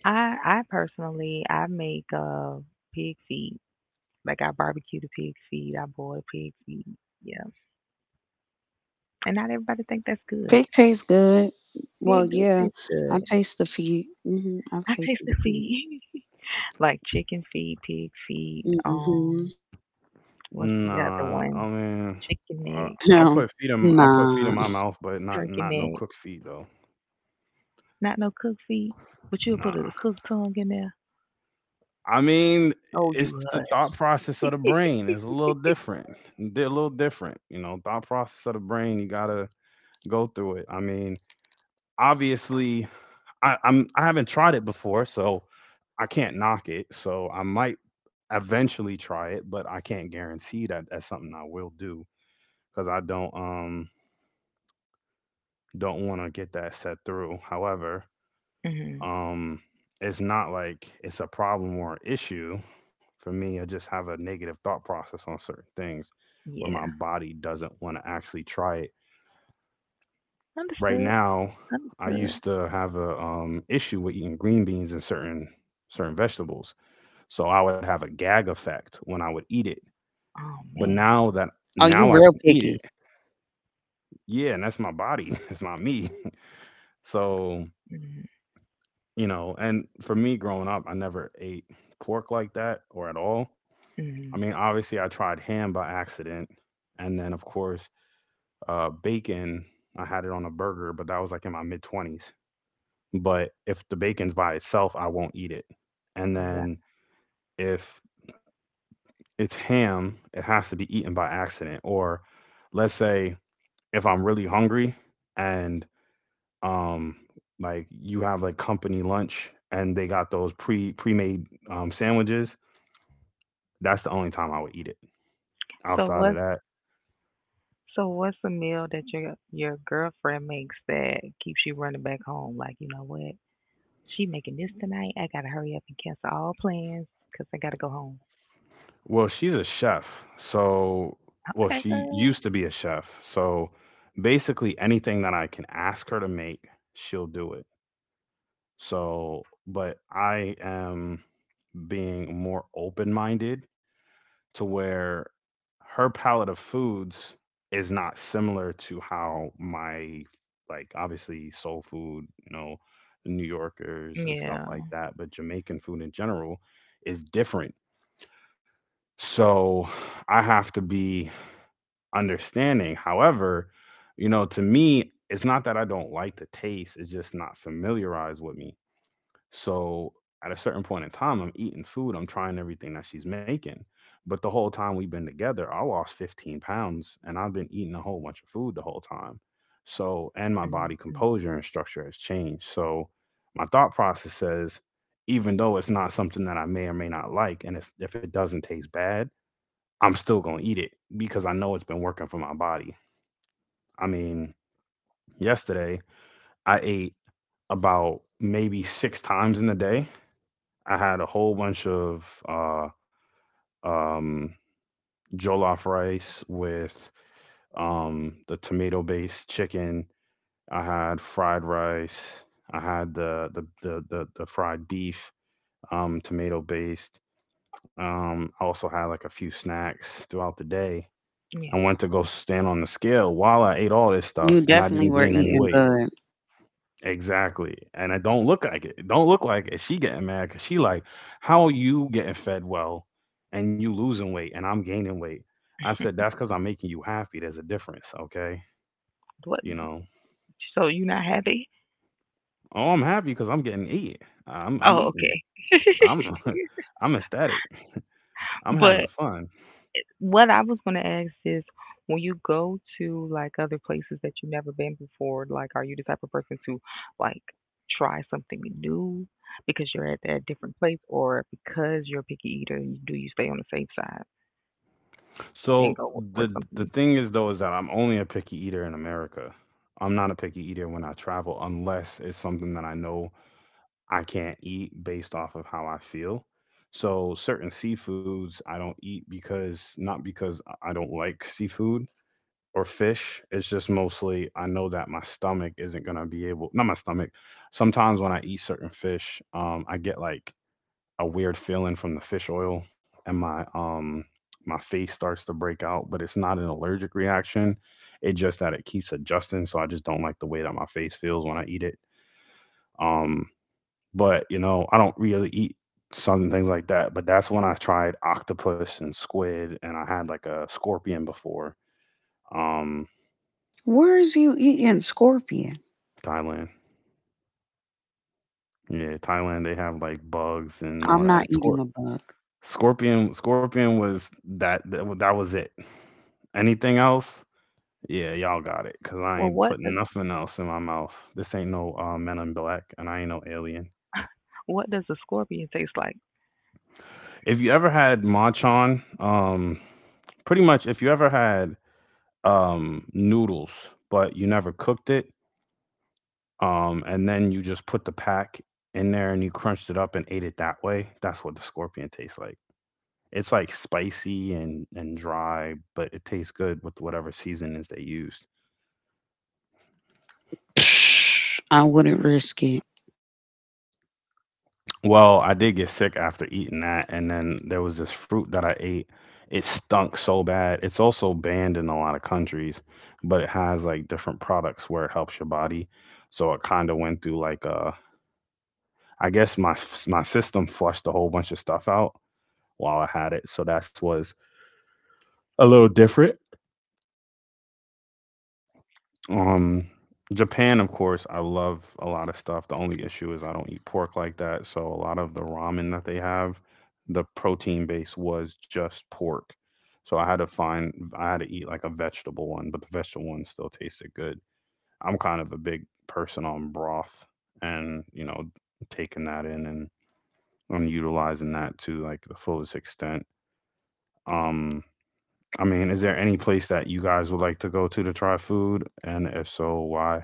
Speaker 2: I personally I make pig feet. Like I barbecue the pig feet. I boil pig feet. Yeah, and not everybody think that's good.
Speaker 3: Pig tastes good. Well,
Speaker 2: Pig do
Speaker 3: yeah,
Speaker 2: taste
Speaker 3: I
Speaker 2: good.
Speaker 3: taste the feet. I've
Speaker 2: I taste
Speaker 3: tasted
Speaker 2: the
Speaker 3: the feet.
Speaker 2: feet. Like chicken feet, pig feet,
Speaker 3: Mm-hmm.
Speaker 2: what's the other
Speaker 1: Nah,
Speaker 2: one?
Speaker 1: I mean,
Speaker 2: Chicken
Speaker 1: I,
Speaker 2: neck,
Speaker 3: No,
Speaker 1: I'll put feet in
Speaker 3: nah.
Speaker 1: my mouth, but not
Speaker 2: turkey
Speaker 1: not no
Speaker 2: neck.
Speaker 1: cooked feet though.
Speaker 2: Not no cook feet, but you'll put
Speaker 1: Nah,
Speaker 2: a cooked tongue in there.
Speaker 1: I mean,
Speaker 2: Oh,
Speaker 1: it's
Speaker 2: you
Speaker 1: the
Speaker 2: hush.
Speaker 1: thought process of the brain. It's a little different. They're a little different, you know. Thought process of the brain. You gotta go through it. Obviously, I haven't tried it before, so I can't knock it. So I might eventually try it, but I can't guarantee that that's something I will do because I don't want to get that set through. However,
Speaker 2: Hmm.
Speaker 1: um, it's not like it's a problem or issue for me. I just have a negative thought process on certain things where my
Speaker 2: Yeah,
Speaker 1: body doesn't want to actually try it. Right
Speaker 2: understood,
Speaker 1: now, I
Speaker 2: understood.
Speaker 1: used to have a issue with eating green beans and certain vegetables, so I would have a gag effect when I would eat it.
Speaker 2: Oh
Speaker 1: But
Speaker 2: man.
Speaker 1: now that
Speaker 3: Oh, you
Speaker 1: now I
Speaker 3: real
Speaker 1: can eat it,
Speaker 3: picky.
Speaker 1: yeah, and that's my body. It's not me. So
Speaker 2: Mm-hmm.
Speaker 1: you know, and for me growing up, I never ate pork like that or at all. I
Speaker 2: Hmm.
Speaker 1: mean, obviously, I tried ham by accident. And then, of course, bacon, I had it on a burger, but that was like in my mid 20s. But if the bacon's by itself, I won't eat it. And
Speaker 2: Yeah.
Speaker 1: then if it's ham, it has to be eaten by accident. Or let's say if I'm really hungry and um, like you have like company lunch and they got those pre made sandwiches. That's the only time I would eat it.
Speaker 2: So
Speaker 1: Outside of
Speaker 2: what's
Speaker 1: that,
Speaker 2: so what's the meal that your girlfriend makes that keeps you running back home? Like you know what? She making this tonight. I gotta hurry up and cancel all plans 'cause I gotta go home.
Speaker 1: well, she's a chef. So, well,
Speaker 2: Okay,
Speaker 1: she
Speaker 2: girl.
Speaker 1: used to be a chef. So, basically, anything that I can ask her to make, she'll do it. So, but I am being more open minded to where her palette of foods is not similar to how my, like, obviously, soul food, you know, New Yorkers and stuff
Speaker 2: Yeah.
Speaker 1: like that, but Jamaican food in general is different. So I have to be understanding. However, you know, to me, it's not that I don't like the taste, it's just not familiarized with me. So at a certain point in time, I'm eating food, I'm trying everything that she's making. But the whole time we've been together, I lost 15 pounds and I've been eating a whole bunch of food the whole time. So, and my
Speaker 2: Mm,
Speaker 1: body
Speaker 2: mm.
Speaker 1: composure and structure has changed. So, my thought process says, even though it's not something that I may or may not like, and it's, if it doesn't taste bad, I'm still going to eat it because I know it's been working for my body. I mean, yesterday I ate about maybe six times in the day. I had a whole bunch of um, jollof rice with the tomato based chicken. I had fried rice. I had the fried beef, tomato based. I also had like a few snacks throughout the day.
Speaker 2: Yeah.
Speaker 1: I went to go stand on the scale while I ate all this
Speaker 3: You
Speaker 1: stuff and I
Speaker 3: definitely
Speaker 1: didn't
Speaker 3: were
Speaker 1: gain any
Speaker 3: eating
Speaker 1: weight.
Speaker 3: good.
Speaker 1: Exactly. And I don't look like it. It don't look like it. She getting mad because she like, how are you getting fed well and you losing weight and I'm gaining weight? I said, that's because I'm making you happy. There's a difference. Okay.
Speaker 2: What?
Speaker 1: You know,
Speaker 2: So you not happy?
Speaker 1: oh, I'm happy because I'm getting eat. I'm
Speaker 2: Oh,
Speaker 1: eating.
Speaker 2: okay.
Speaker 1: I'm, I'm ecstatic. I'm having
Speaker 2: But
Speaker 1: fun.
Speaker 2: what I was gonna ask is, when you go to like other places that you've never been before, like, are you the type of person to like try something new because you're at that different place, or because you're a picky eater, do you stay on the safe side and
Speaker 1: So
Speaker 2: go for
Speaker 1: the
Speaker 2: something?
Speaker 1: thing is though is that I'm only a picky eater in America. I'm not a picky eater when I travel unless it's something that I know I can't eat based off of how I feel. So certain seafoods I don't eat because not because I don't like seafood or fish. It's just mostly I know that my stomach isn't gonna be able not my stomach. Sometimes when I eat certain fish, I get like a weird feeling from the fish oil and my face starts to break out, but it's not an allergic reaction. It just that it keeps adjusting, so I just don't like the way that my face feels when I eat it. Um, but you know, I don't really eat some things like that. But that's when I tried octopus and squid, and I had like a scorpion before. Um,
Speaker 3: Where is you eating scorpion?
Speaker 1: Thailand, yeah, Thailand. They have like bugs and all
Speaker 3: I'm not
Speaker 1: that.
Speaker 3: eating
Speaker 1: Scor-
Speaker 3: a bug.
Speaker 1: scorpion, scorpion was that was it, anything else. Yeah, y'all got it. Cause I
Speaker 2: Well,
Speaker 1: ain't
Speaker 2: what
Speaker 1: putting
Speaker 2: does
Speaker 1: nothing else in my mouth. This ain't no Men in Black, and I ain't no alien.
Speaker 2: what does a scorpion taste like?
Speaker 1: If you ever had Machan, pretty much if you ever had noodles, but you never cooked it, and then you just put the pack in there and you crunched it up and ate it that way, that's what the scorpion tastes like. It's like spicy and dry, but it tastes good with whatever seasonings they used.
Speaker 3: Psh, I wouldn't risk it.
Speaker 1: Well, I did get sick after eating that, and then there was this fruit that I ate. It stunk so bad. It's also banned in a lot of countries, but it has like different products where it helps your body. So it kind of went through like I guess my system flushed a whole bunch of stuff out while I had it. So that's was a little different. Um, Japan, of course, I love a lot of stuff. The only issue is I don't eat pork like that, so a lot of the ramen that they have, the protein base was just pork. So I had to eat like a vegetable one, but the vegetable one still tasted good. I'm kind of a big person on broth and, you know, taking that in and utilizing that to like the fullest extent. Um, I mean, is there any place that you guys would like to go to try food? And if so, why?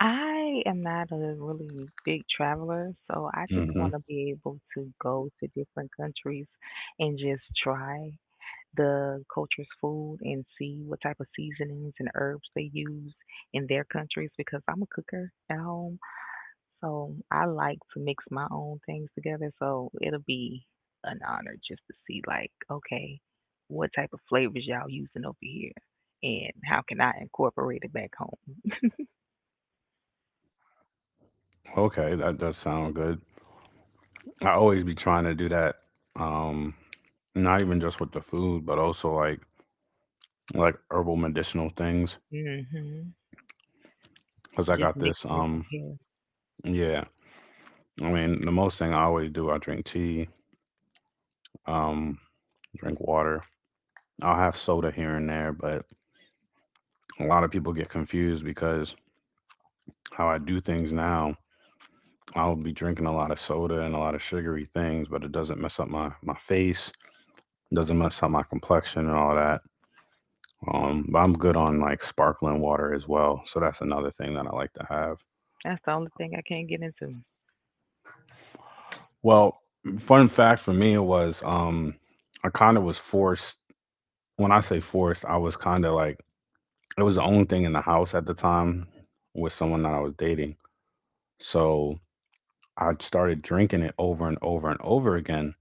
Speaker 2: I am not a really big traveler, so I just
Speaker 1: Hmm.
Speaker 2: want to be able to go to different countries and just try the culture's food and see what type of seasonings and herbs they use in their countries because I'm a cooker at home. So I like to mix my own things together. So it'll be an honor just to see, like, okay, what type of flavors y'all using over here and how can I incorporate it back home?
Speaker 1: Okay, that does sound good. I always be trying to do that. Um, not even just with the food, but also like herbal medicinal things.
Speaker 2: Hmm.
Speaker 1: Cause I
Speaker 2: Just
Speaker 1: got this.
Speaker 2: mixing and comparing.
Speaker 1: Yeah. I mean, the most thing I always do, I drink tea. Um, drink water. I'll have soda here and there, but a lot of people get confused because how I do things now, I'll be drinking a lot of soda and a lot of sugary things, but it doesn't mess up my face, doesn't mess up my complexion and all that. But I'm good on like sparkling water as well. So that's another thing that I like to have.
Speaker 2: That's the only thing I can't get into.
Speaker 1: Well, fun fact for me was I kind of was forced, when I say forced, I was kind of like it was the only thing in the house at the time with someone that I was dating. So I started drinking it over and over and over again.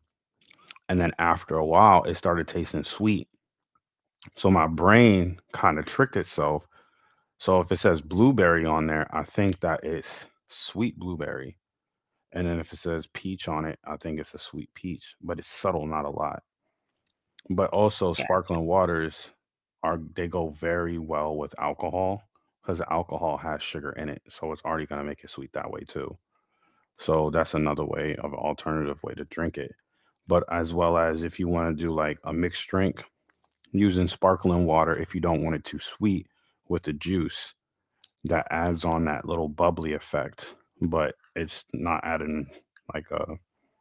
Speaker 1: And then after a while, it started tasting sweet. So my brain kind of tricked itself. So if it says blueberry on there, I think that it's sweet blueberry. And then if it says peach on it, I think it's a sweet peach, but it's subtle, not a lot. But also, sparkling waters are they go very well with alcohol because alcohol has sugar in it, so it's already gonna make it sweet that way too. So that's another way of alternative way to drink it. But as well as if you want to do like a mixed drink using sparkling water, if you don't want it too sweet with the juice, that adds on that little bubbly effect, but it's not adding like a,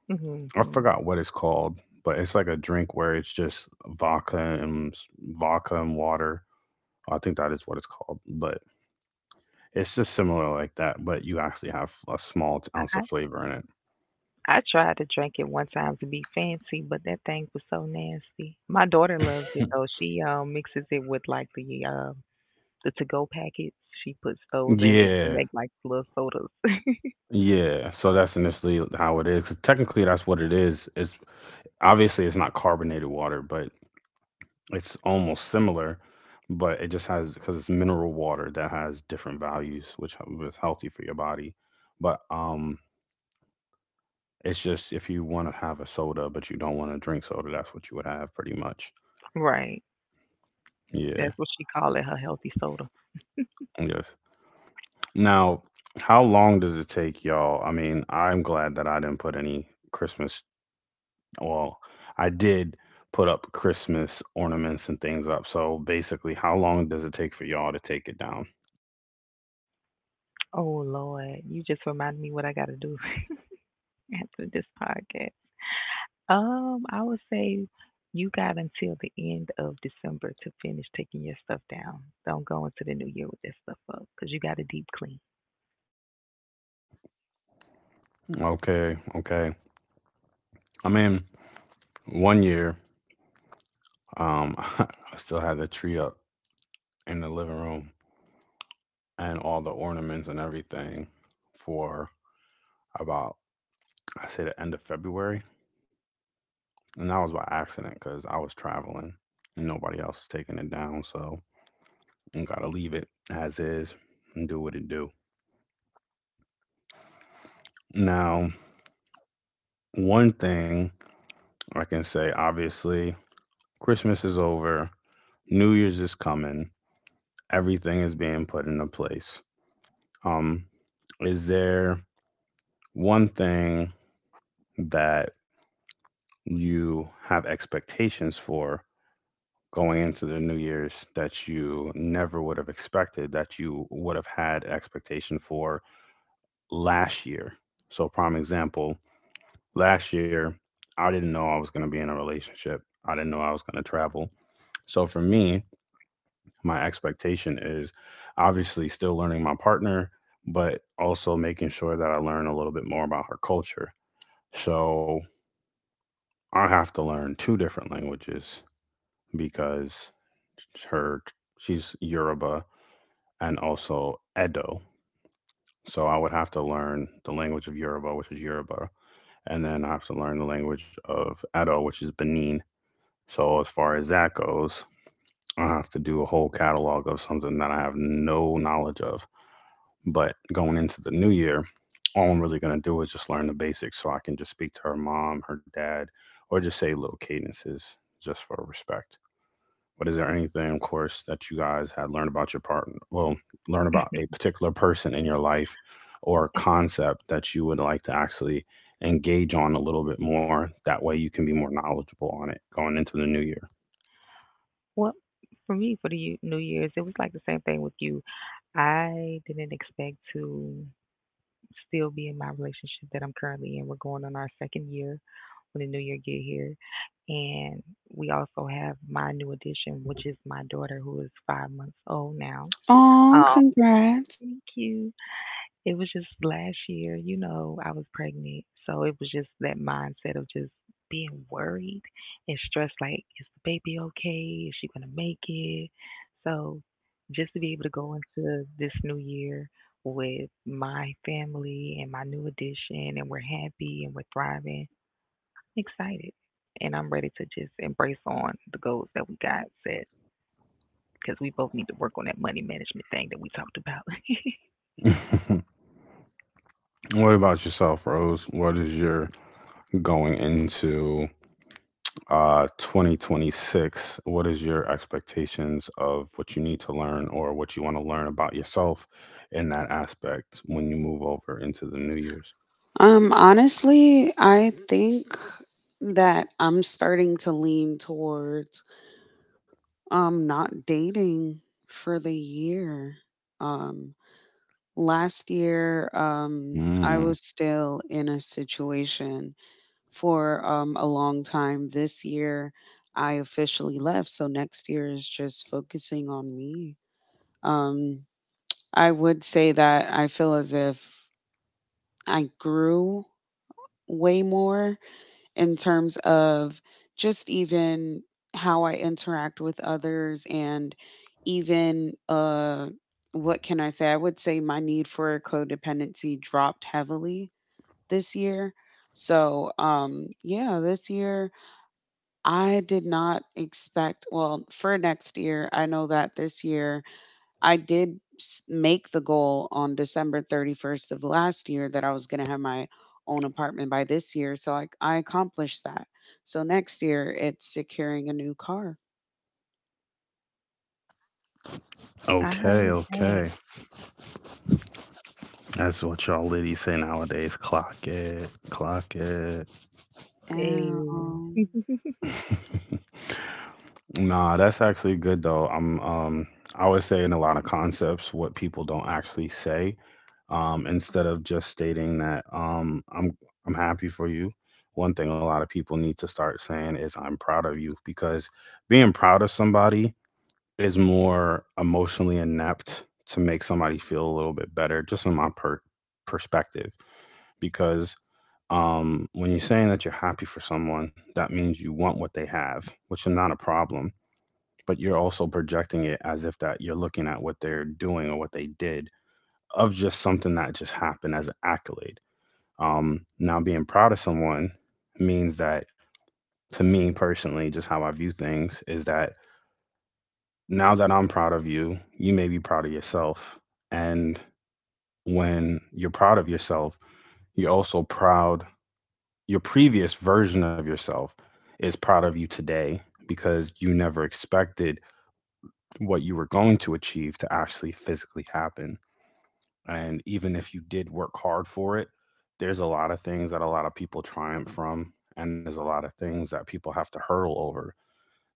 Speaker 2: Guys.
Speaker 1: I
Speaker 2: Hmm.
Speaker 1: forgot what it's called, but it's like a drink where it's just vodka and s- vodka and water. I think that is what it's called, but it's just similar like that, but you actually have a small ounce of
Speaker 2: I,
Speaker 1: flavor in
Speaker 2: I tried to drink it one time to be fancy, but that thing was so nasty. My daughter loves it though. She mixes it with like the to go packets. She puts those
Speaker 1: it.
Speaker 2: in it to
Speaker 1: Yeah,
Speaker 2: make like little sodas.
Speaker 1: yeah. So that's initially how it is. 'Cause technically, that's what it is. It's obviously it's not carbonated water, but it's almost similar. But it just has because it's mineral water that has different values, which is healthy for your body. But it's just if you want to have a soda but you don't want to drink soda, that's what you would have pretty much.
Speaker 2: Right.
Speaker 1: Yeah.
Speaker 2: That's what she call it, her healthy soda.
Speaker 1: Yes. Now, how long does it take y'all? I mean, I'm glad that I didn't put any Christmas. Well, I did put up Christmas ornaments and things up. So basically, how long does it take for y'all to take it down?
Speaker 2: Oh Lord, you just remind me what I gotta do after this podcast. I would say you got until the end of December to finish taking your stuff down. Don't go into the new year with that stuff up because you got a deep clean.
Speaker 1: Okay. Okay. I mean, one year, I still had the tree up in the living room and all the ornaments and everything for about, I say, the end of February, and that was by accident because I was traveling and nobody else was taking it down, so I gotta leave it as is and do what it do. Now, one thing I can say, obviously, Christmas is over, New Year's is coming, everything is being put into place. Um, is there one thing that you have expectations for going into the new year's that you never would have expected that you would have had expectation for last year? So prime example, last year I didn't know I was going to be in a relationship, I didn't know I was going to travel. So for me, my expectation is obviously still learning my partner, but also making sure that I learn a little bit more about her culture. So I have to learn two different languages because her she's Yoruba and also Edo. So I would have to learn the language of Yoruba, which is Yoruba, and then I have to learn the language of Edo, which is Benin. So as far as that goes, I have to do a whole catalog of something that I have no knowledge of. But going into the new year, all I'm really gonna do is just learn the basics, so I can just speak to her mom, her dad, or just say little cadences just for respect. But is there anything, of course, that you guys had learned about your partner? Well, learn about a particular person in your life or concept that you would like to actually engage on a little bit more. That way you can be more knowledgeable on it going into the new
Speaker 2: Well, for me, for the New Year's, it was like the same thing with you. I didn't expect to still be in my relationship that I'm currently in. We're going on our second year when the new year get here. And we also have my new addition, which is my daughter who is 5 months old now.
Speaker 3: Oh,
Speaker 2: Um,
Speaker 3: congrats.
Speaker 2: Thank you. It was just last year, I was pregnant. So it was just that mindset of just being worried and stressed like, is the baby okay? Is she going to make it? So just to be able to go into this new year with my family and my new addition, and we're happy and we're thriving, excited. And I'm ready to just embrace on the goals that we got set because we both need to work on that money management thing that we talked about.
Speaker 1: year. What about yourself, Rose? What is your going into 2026? What is your expectations of what you need to learn or what you want to learn about yourself in that aspect when you move over into the new year's?
Speaker 3: Honestly, I think that I'm starting to lean towards not dating for the year. Um, Last year, I was
Speaker 1: Mm.
Speaker 3: still in a situation for a long time. This year, I officially left. So next year is just focusing on me. Um, I would say that I feel as if I grew way more in terms of just even how I interact with others and even, what can I say? I would say my need for codependency dropped heavily this year. So, yeah, this year I did not expect, well, for next year, I know that this year I did make the goal on December 31st of last year that I was going to have my own apartment by this year. So I accomplished that. So next year, it's securing a new car.
Speaker 2: I
Speaker 1: Okay,
Speaker 2: heard that.
Speaker 1: okay. That's what y'all ladies say nowadays. Clock it, clock it.
Speaker 2: Hey.
Speaker 3: Oh,
Speaker 1: Nah, that's actually good though. I'm I always say in a lot of concepts what people don't actually say. Instead of just stating that I'm happy for you. One thing a lot of people need to start saying is I'm proud of you, because being proud of somebody is more emotionally inept to make somebody feel a little bit better, just in my perspective. Because when you're saying that you're happy for someone, that means you want what they have, which is not a problem. But you're also projecting it as if that you're looking at what they're doing or what they did of just something that just happened as an accolade. Now, being proud of someone means that, to me personally, just how I view things, is that now that I'm proud of you, you may be proud of yourself. And when you're proud of yourself, you're also proud your previous version of yourself is proud of you today because you never expected what you were going to achieve to actually physically happen. And even if you did work hard for it, there's a lot of things that a lot of people triumph from, and there's a lot of things that people have to hurdle over.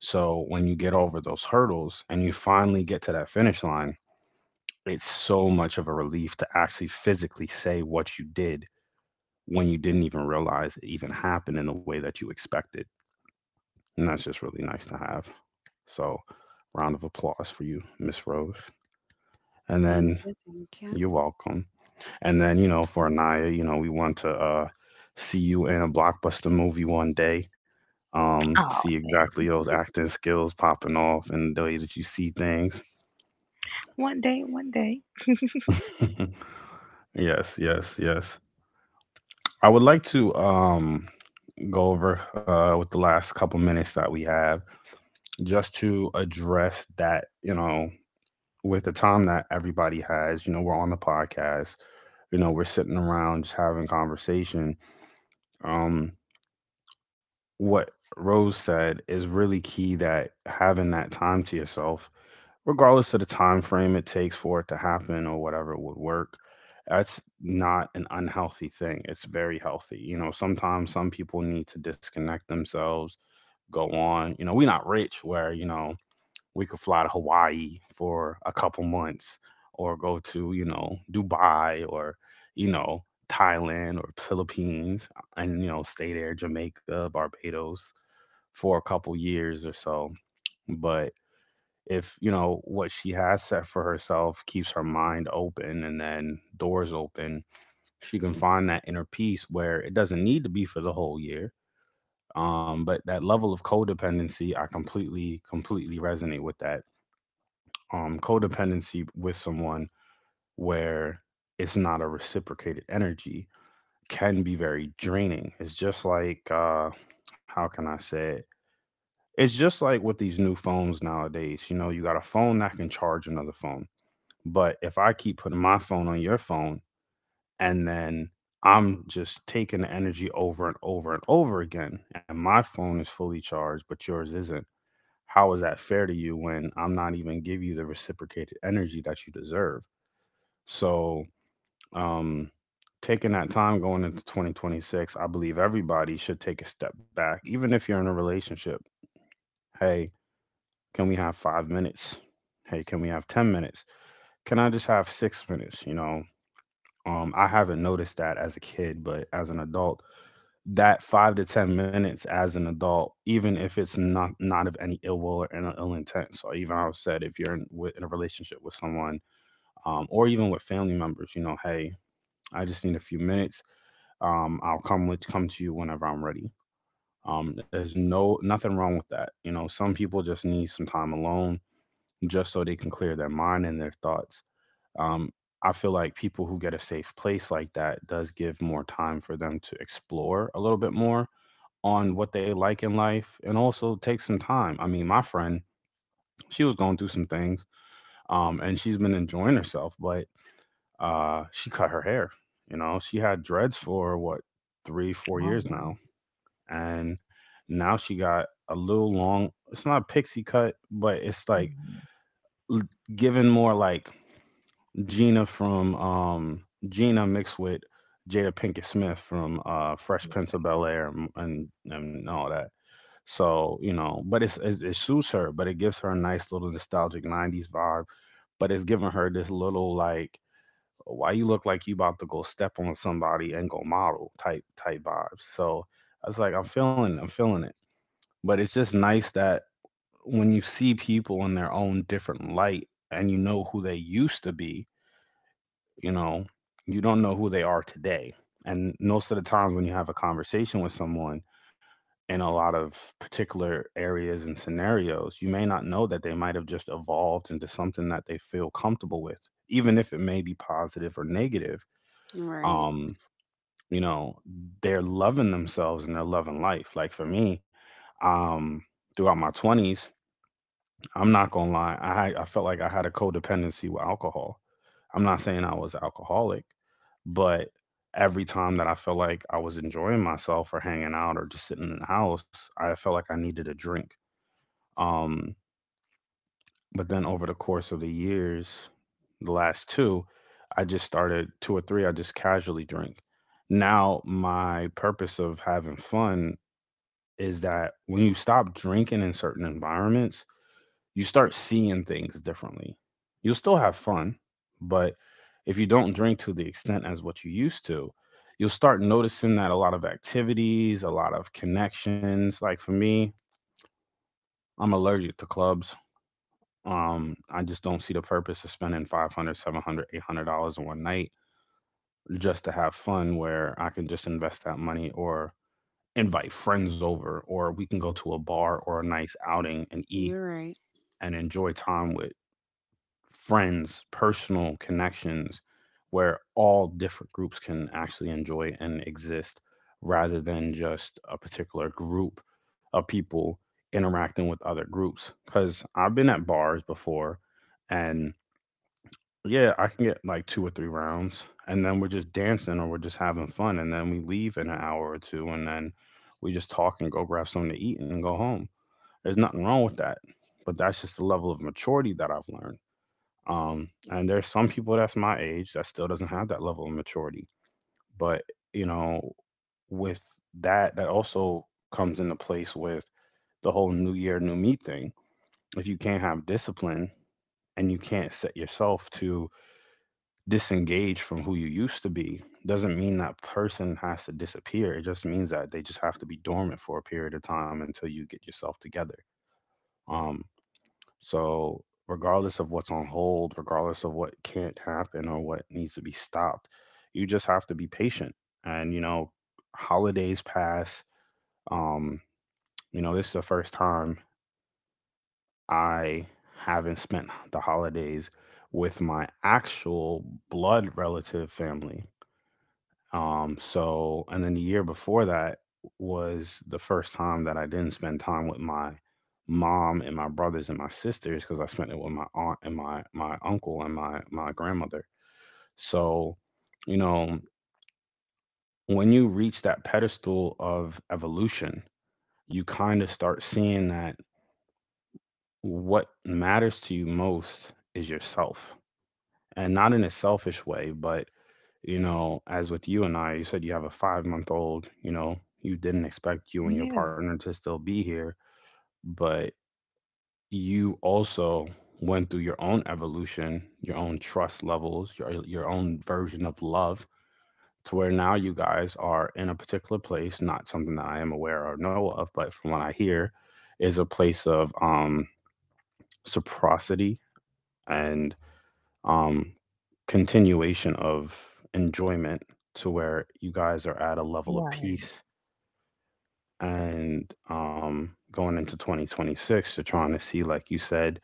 Speaker 1: So when you get over those hurdles and you finally get to that finish line, it's so much of a relief to actually physically say what you did when you didn't even realize it even happened in the way that you expected. And that's just really nice to have. So, round of applause for you, Miss Rose. And
Speaker 3: thank
Speaker 1: then
Speaker 3: you. Thank you.
Speaker 1: you're welcome. And then, you know, for Anaya, you know, we want to see you in a blockbuster movie one day.
Speaker 2: Oh
Speaker 1: See
Speaker 2: man,
Speaker 1: exactly those acting skills popping off and the way that you see things.
Speaker 2: one day, one day.
Speaker 1: Yes, yes, yes. I would like to go over with the last couple minutes that we have just to address that, you know, with the time that everybody has, you know, we're on the podcast, you know, we're sitting around just having conversation. Um, what Rose said is really key, that having that time to yourself, regardless of the time frame it takes for it to happen or whatever would work, that's not an unhealthy thing. It's very healthy. You know, sometimes some people need to disconnect themselves, go on. You know, we're not rich where, you know, we could fly to Hawaii for a couple months or go to, you know, Dubai or, you know, Thailand or Philippines and, you know, stay there, Jamaica, Barbados for a couple years or so. But if, you know, what she has set for herself keeps her mind open and then doors open, she can find that inner peace where it doesn't need to be for the whole year. But that level of codependency, I completely, completely resonate with that codependency with someone where it's not a reciprocated energy can be very draining. It's just like, how can I say it? It's just like with these new phones nowadays. You know, you got a phone that can charge another phone. But if I keep putting my phone on your phone and then I'm just taking the energy over and over and over again, and my phone is fully charged, but yours isn't. How is that fair to you when I'm not even give you the reciprocated energy that you deserve? So, um, taking that time going into 2026, I believe everybody should take a step back, even if you're in a relationship. Hey, can we have 5 minutes? Hey, can we have 10 minutes? Can I just have 6 minutes? You know, I haven't noticed that as a kid, but as an adult, that five to 10 minutes as an adult, even if it's not of any ill will or any ill intent. So, even I said, if you're in a relationship with someone or even with family members, you know, hey, I just need a few minutes. I'll come to you whenever I'm ready. There's nothing wrong with that. You know, some people just need some time alone just so they can clear their mind and their thoughts. Um, I feel like people who get a safe place like that does give more time for them to explore a little bit more on what they like in life and also take some time. I mean, my friend, she was going through some things, and she's been enjoying herself, but she cut her hair. You know, she had dreads for what, three, four
Speaker 2: Oh
Speaker 1: years
Speaker 2: wow.
Speaker 1: now, and now she got a little long. It's not pixie cut, but it's like
Speaker 2: Mhm.
Speaker 1: l- given more like Gina from Gina mixed with Jada Pinkett Smith from Fresh Prince of Bel Air and and all that. So you know, but it suits her, but it gives her a nice little nostalgic '90s vibe. But it's giving her this little like why you look like you about to go step on somebody and go model type vibes. So I was like, I'm feeling it. But it's just nice that when you see people in their own different light and you know who they used to be, you know, you don't know who they are today. And most of the times when you have a conversation with someone in a lot of particular areas and scenarios, you may not know that they might have just evolved into something that they feel comfortable with, even if it may be positive or negative.
Speaker 3: Right.
Speaker 1: Um, you know, they're loving themselves and they're loving life. Like for me, um, throughout my 20s, I'm not gonna lie. I felt like I had a codependency with alcohol. I'm not saying I was alcoholic, but every time that I felt like I was enjoying myself or hanging out or just sitting in the house, I felt like I needed a drink. Um, but then over the course of the years, the last two, I just started two or three. I just casually drink. Now my purpose of having fun is that when you stop drinking in certain environments, you start seeing things differently. You'll still have fun, but if you don't drink to the extent as what you used to, you'll start noticing that a lot of activities, a lot of connections, like for me, I'm allergic to clubs. I just don't see the purpose of spending 500, 700, $800 in one night just to have fun where I can just invest that money or invite friends over or we can go to a bar or a nice outing and eat
Speaker 3: You're right.
Speaker 1: and enjoy time with friends, personal connections where all different groups can actually enjoy and exist rather than just a particular group of people interacting with other groups. Because I've been at bars before and yeah, I can get like two or three rounds and then we're just dancing or we're just having fun. And then we leave in an hour or two and then we just talk and go grab something to eat and go home. There's nothing wrong with that. But that's just the level of maturity that I've learned, and there's some people that's my age that still doesn't have that level of maturity. But you know, with that also comes into place with the whole new year, new me thing. If you can't have discipline and you can't set yourself to disengage from who you used to be, doesn't mean that person has to disappear. It just means that they just have to be dormant for a period of time until you get yourself together. Um, So, regardless of what's on hold, regardless of what can't happen or what needs to be stopped, you just have to be patient. And holidays pass. Um, this is the first time I haven't spent the holidays with my actual blood relative family. And then the year before that was the first time that I didn't spend time with my mom and my brothers and my sisters, because I spent it with my aunt and my uncle and my grandmother. So, you know, when you reach that pedestal of evolution, you kind of start seeing that what matters to you most is yourself. And not in a selfish way, but as with you and I, you said you have a 5-month old. You didn't expect you and your
Speaker 2: Yeah,
Speaker 1: partner to still be here, but you also went through your own evolution, your own trust levels, your own version of love, to where now you guys are in a particular place, not something that I am aware or know of, but from what I hear is a place of reciprocity and um continuation of enjoyment, to where you guys are at a level of
Speaker 2: right.
Speaker 1: peace, and going into 2026 you're trying to see, like you said,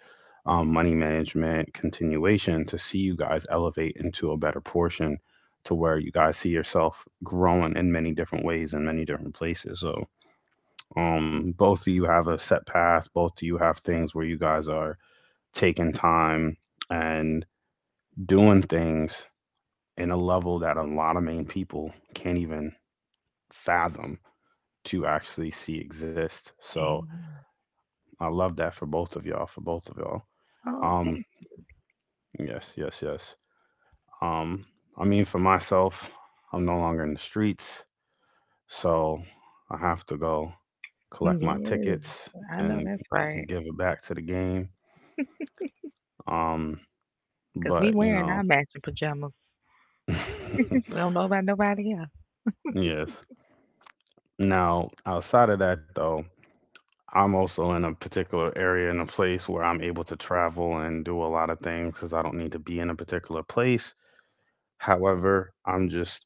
Speaker 1: money management continuation to see you guys elevate into a better portion to where you guys see yourself growing in many different ways in many different places. So both of you have a set path, both of you have things where you guys are taking time and doing things in a level that a lot of Maine people can't even fathom to actually see exist. So
Speaker 2: Amen.
Speaker 1: I love that for both of y'all, for both of y'all.
Speaker 2: Oh,
Speaker 1: Um,
Speaker 2: thank.
Speaker 1: yes, yes, yes. Um, I mean, for myself, I'm no longer in the streets, so I have to go collect my
Speaker 2: Yes,
Speaker 1: tickets
Speaker 2: I know
Speaker 1: and
Speaker 2: that's right.
Speaker 1: give it back to the game. Um,
Speaker 2: Cause
Speaker 1: but
Speaker 2: we wearing our matching pajamas. We don't know about nobody else.
Speaker 1: yes. Now, outside of that, though, I'm also in a particular area in a place where I'm able to travel and do a lot of things because I don't need to be in a particular place. However, I'm just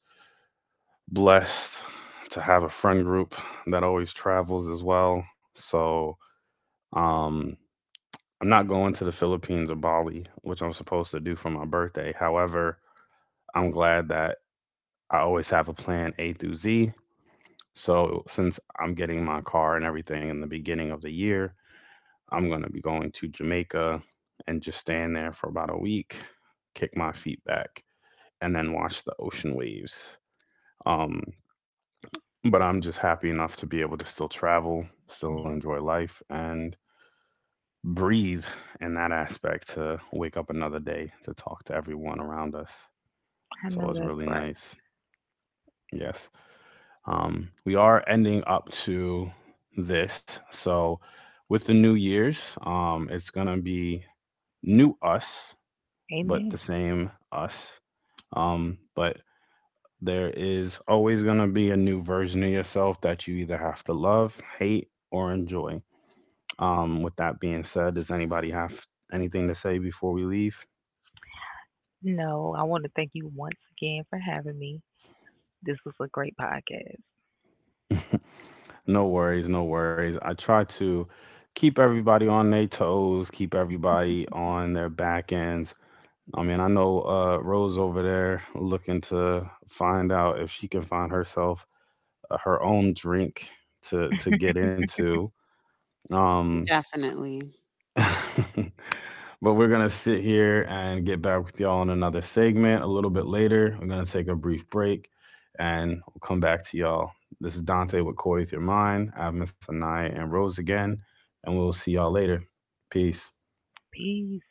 Speaker 1: blessed to have a friend group that always travels as well. So um, I'm not going to the Philippines or Bali, which I'm supposed to do for my birthday. However, I'm glad that I always have a plan A through Z. So since I'm getting my car and everything in the beginning of the year, I'm going to be going to Jamaica and just staying there for about a week, kick my feet back, and then watch the ocean waves. Um, but I'm just happy enough to be able to still travel, still
Speaker 2: Yeah,
Speaker 1: enjoy life, and breathe in that aspect to wake up another day to talk to everyone around us.
Speaker 2: I
Speaker 1: So
Speaker 2: know
Speaker 1: it's
Speaker 2: that's
Speaker 1: really
Speaker 2: right.
Speaker 1: nice. Yes. We are ending up to this. So with the new years, it's going to be new us but
Speaker 2: Amen.
Speaker 1: the same us. But there is always going to be a new version of yourself that you either have to love, hate, or enjoy. With that being said, does anybody have anything to say before we leave?
Speaker 2: No, I want to thank you once again for having me. This was a great podcast.
Speaker 1: No worries, no worries. I try to keep everybody on their toes, keep everybody on their back ends. I mean, I know Rose over there looking to find out if she can find herself her own drink to get into. Um,
Speaker 3: Definitely.
Speaker 1: but we're gonna sit here and get back with y'all in another segment a little bit later. We're gonna take a brief break and we'll come back to y'all. This is Dante with Corey with Your Mind. I have Miss Anaya and Rose again, and we'll see y'all later. Peace.
Speaker 2: Peace.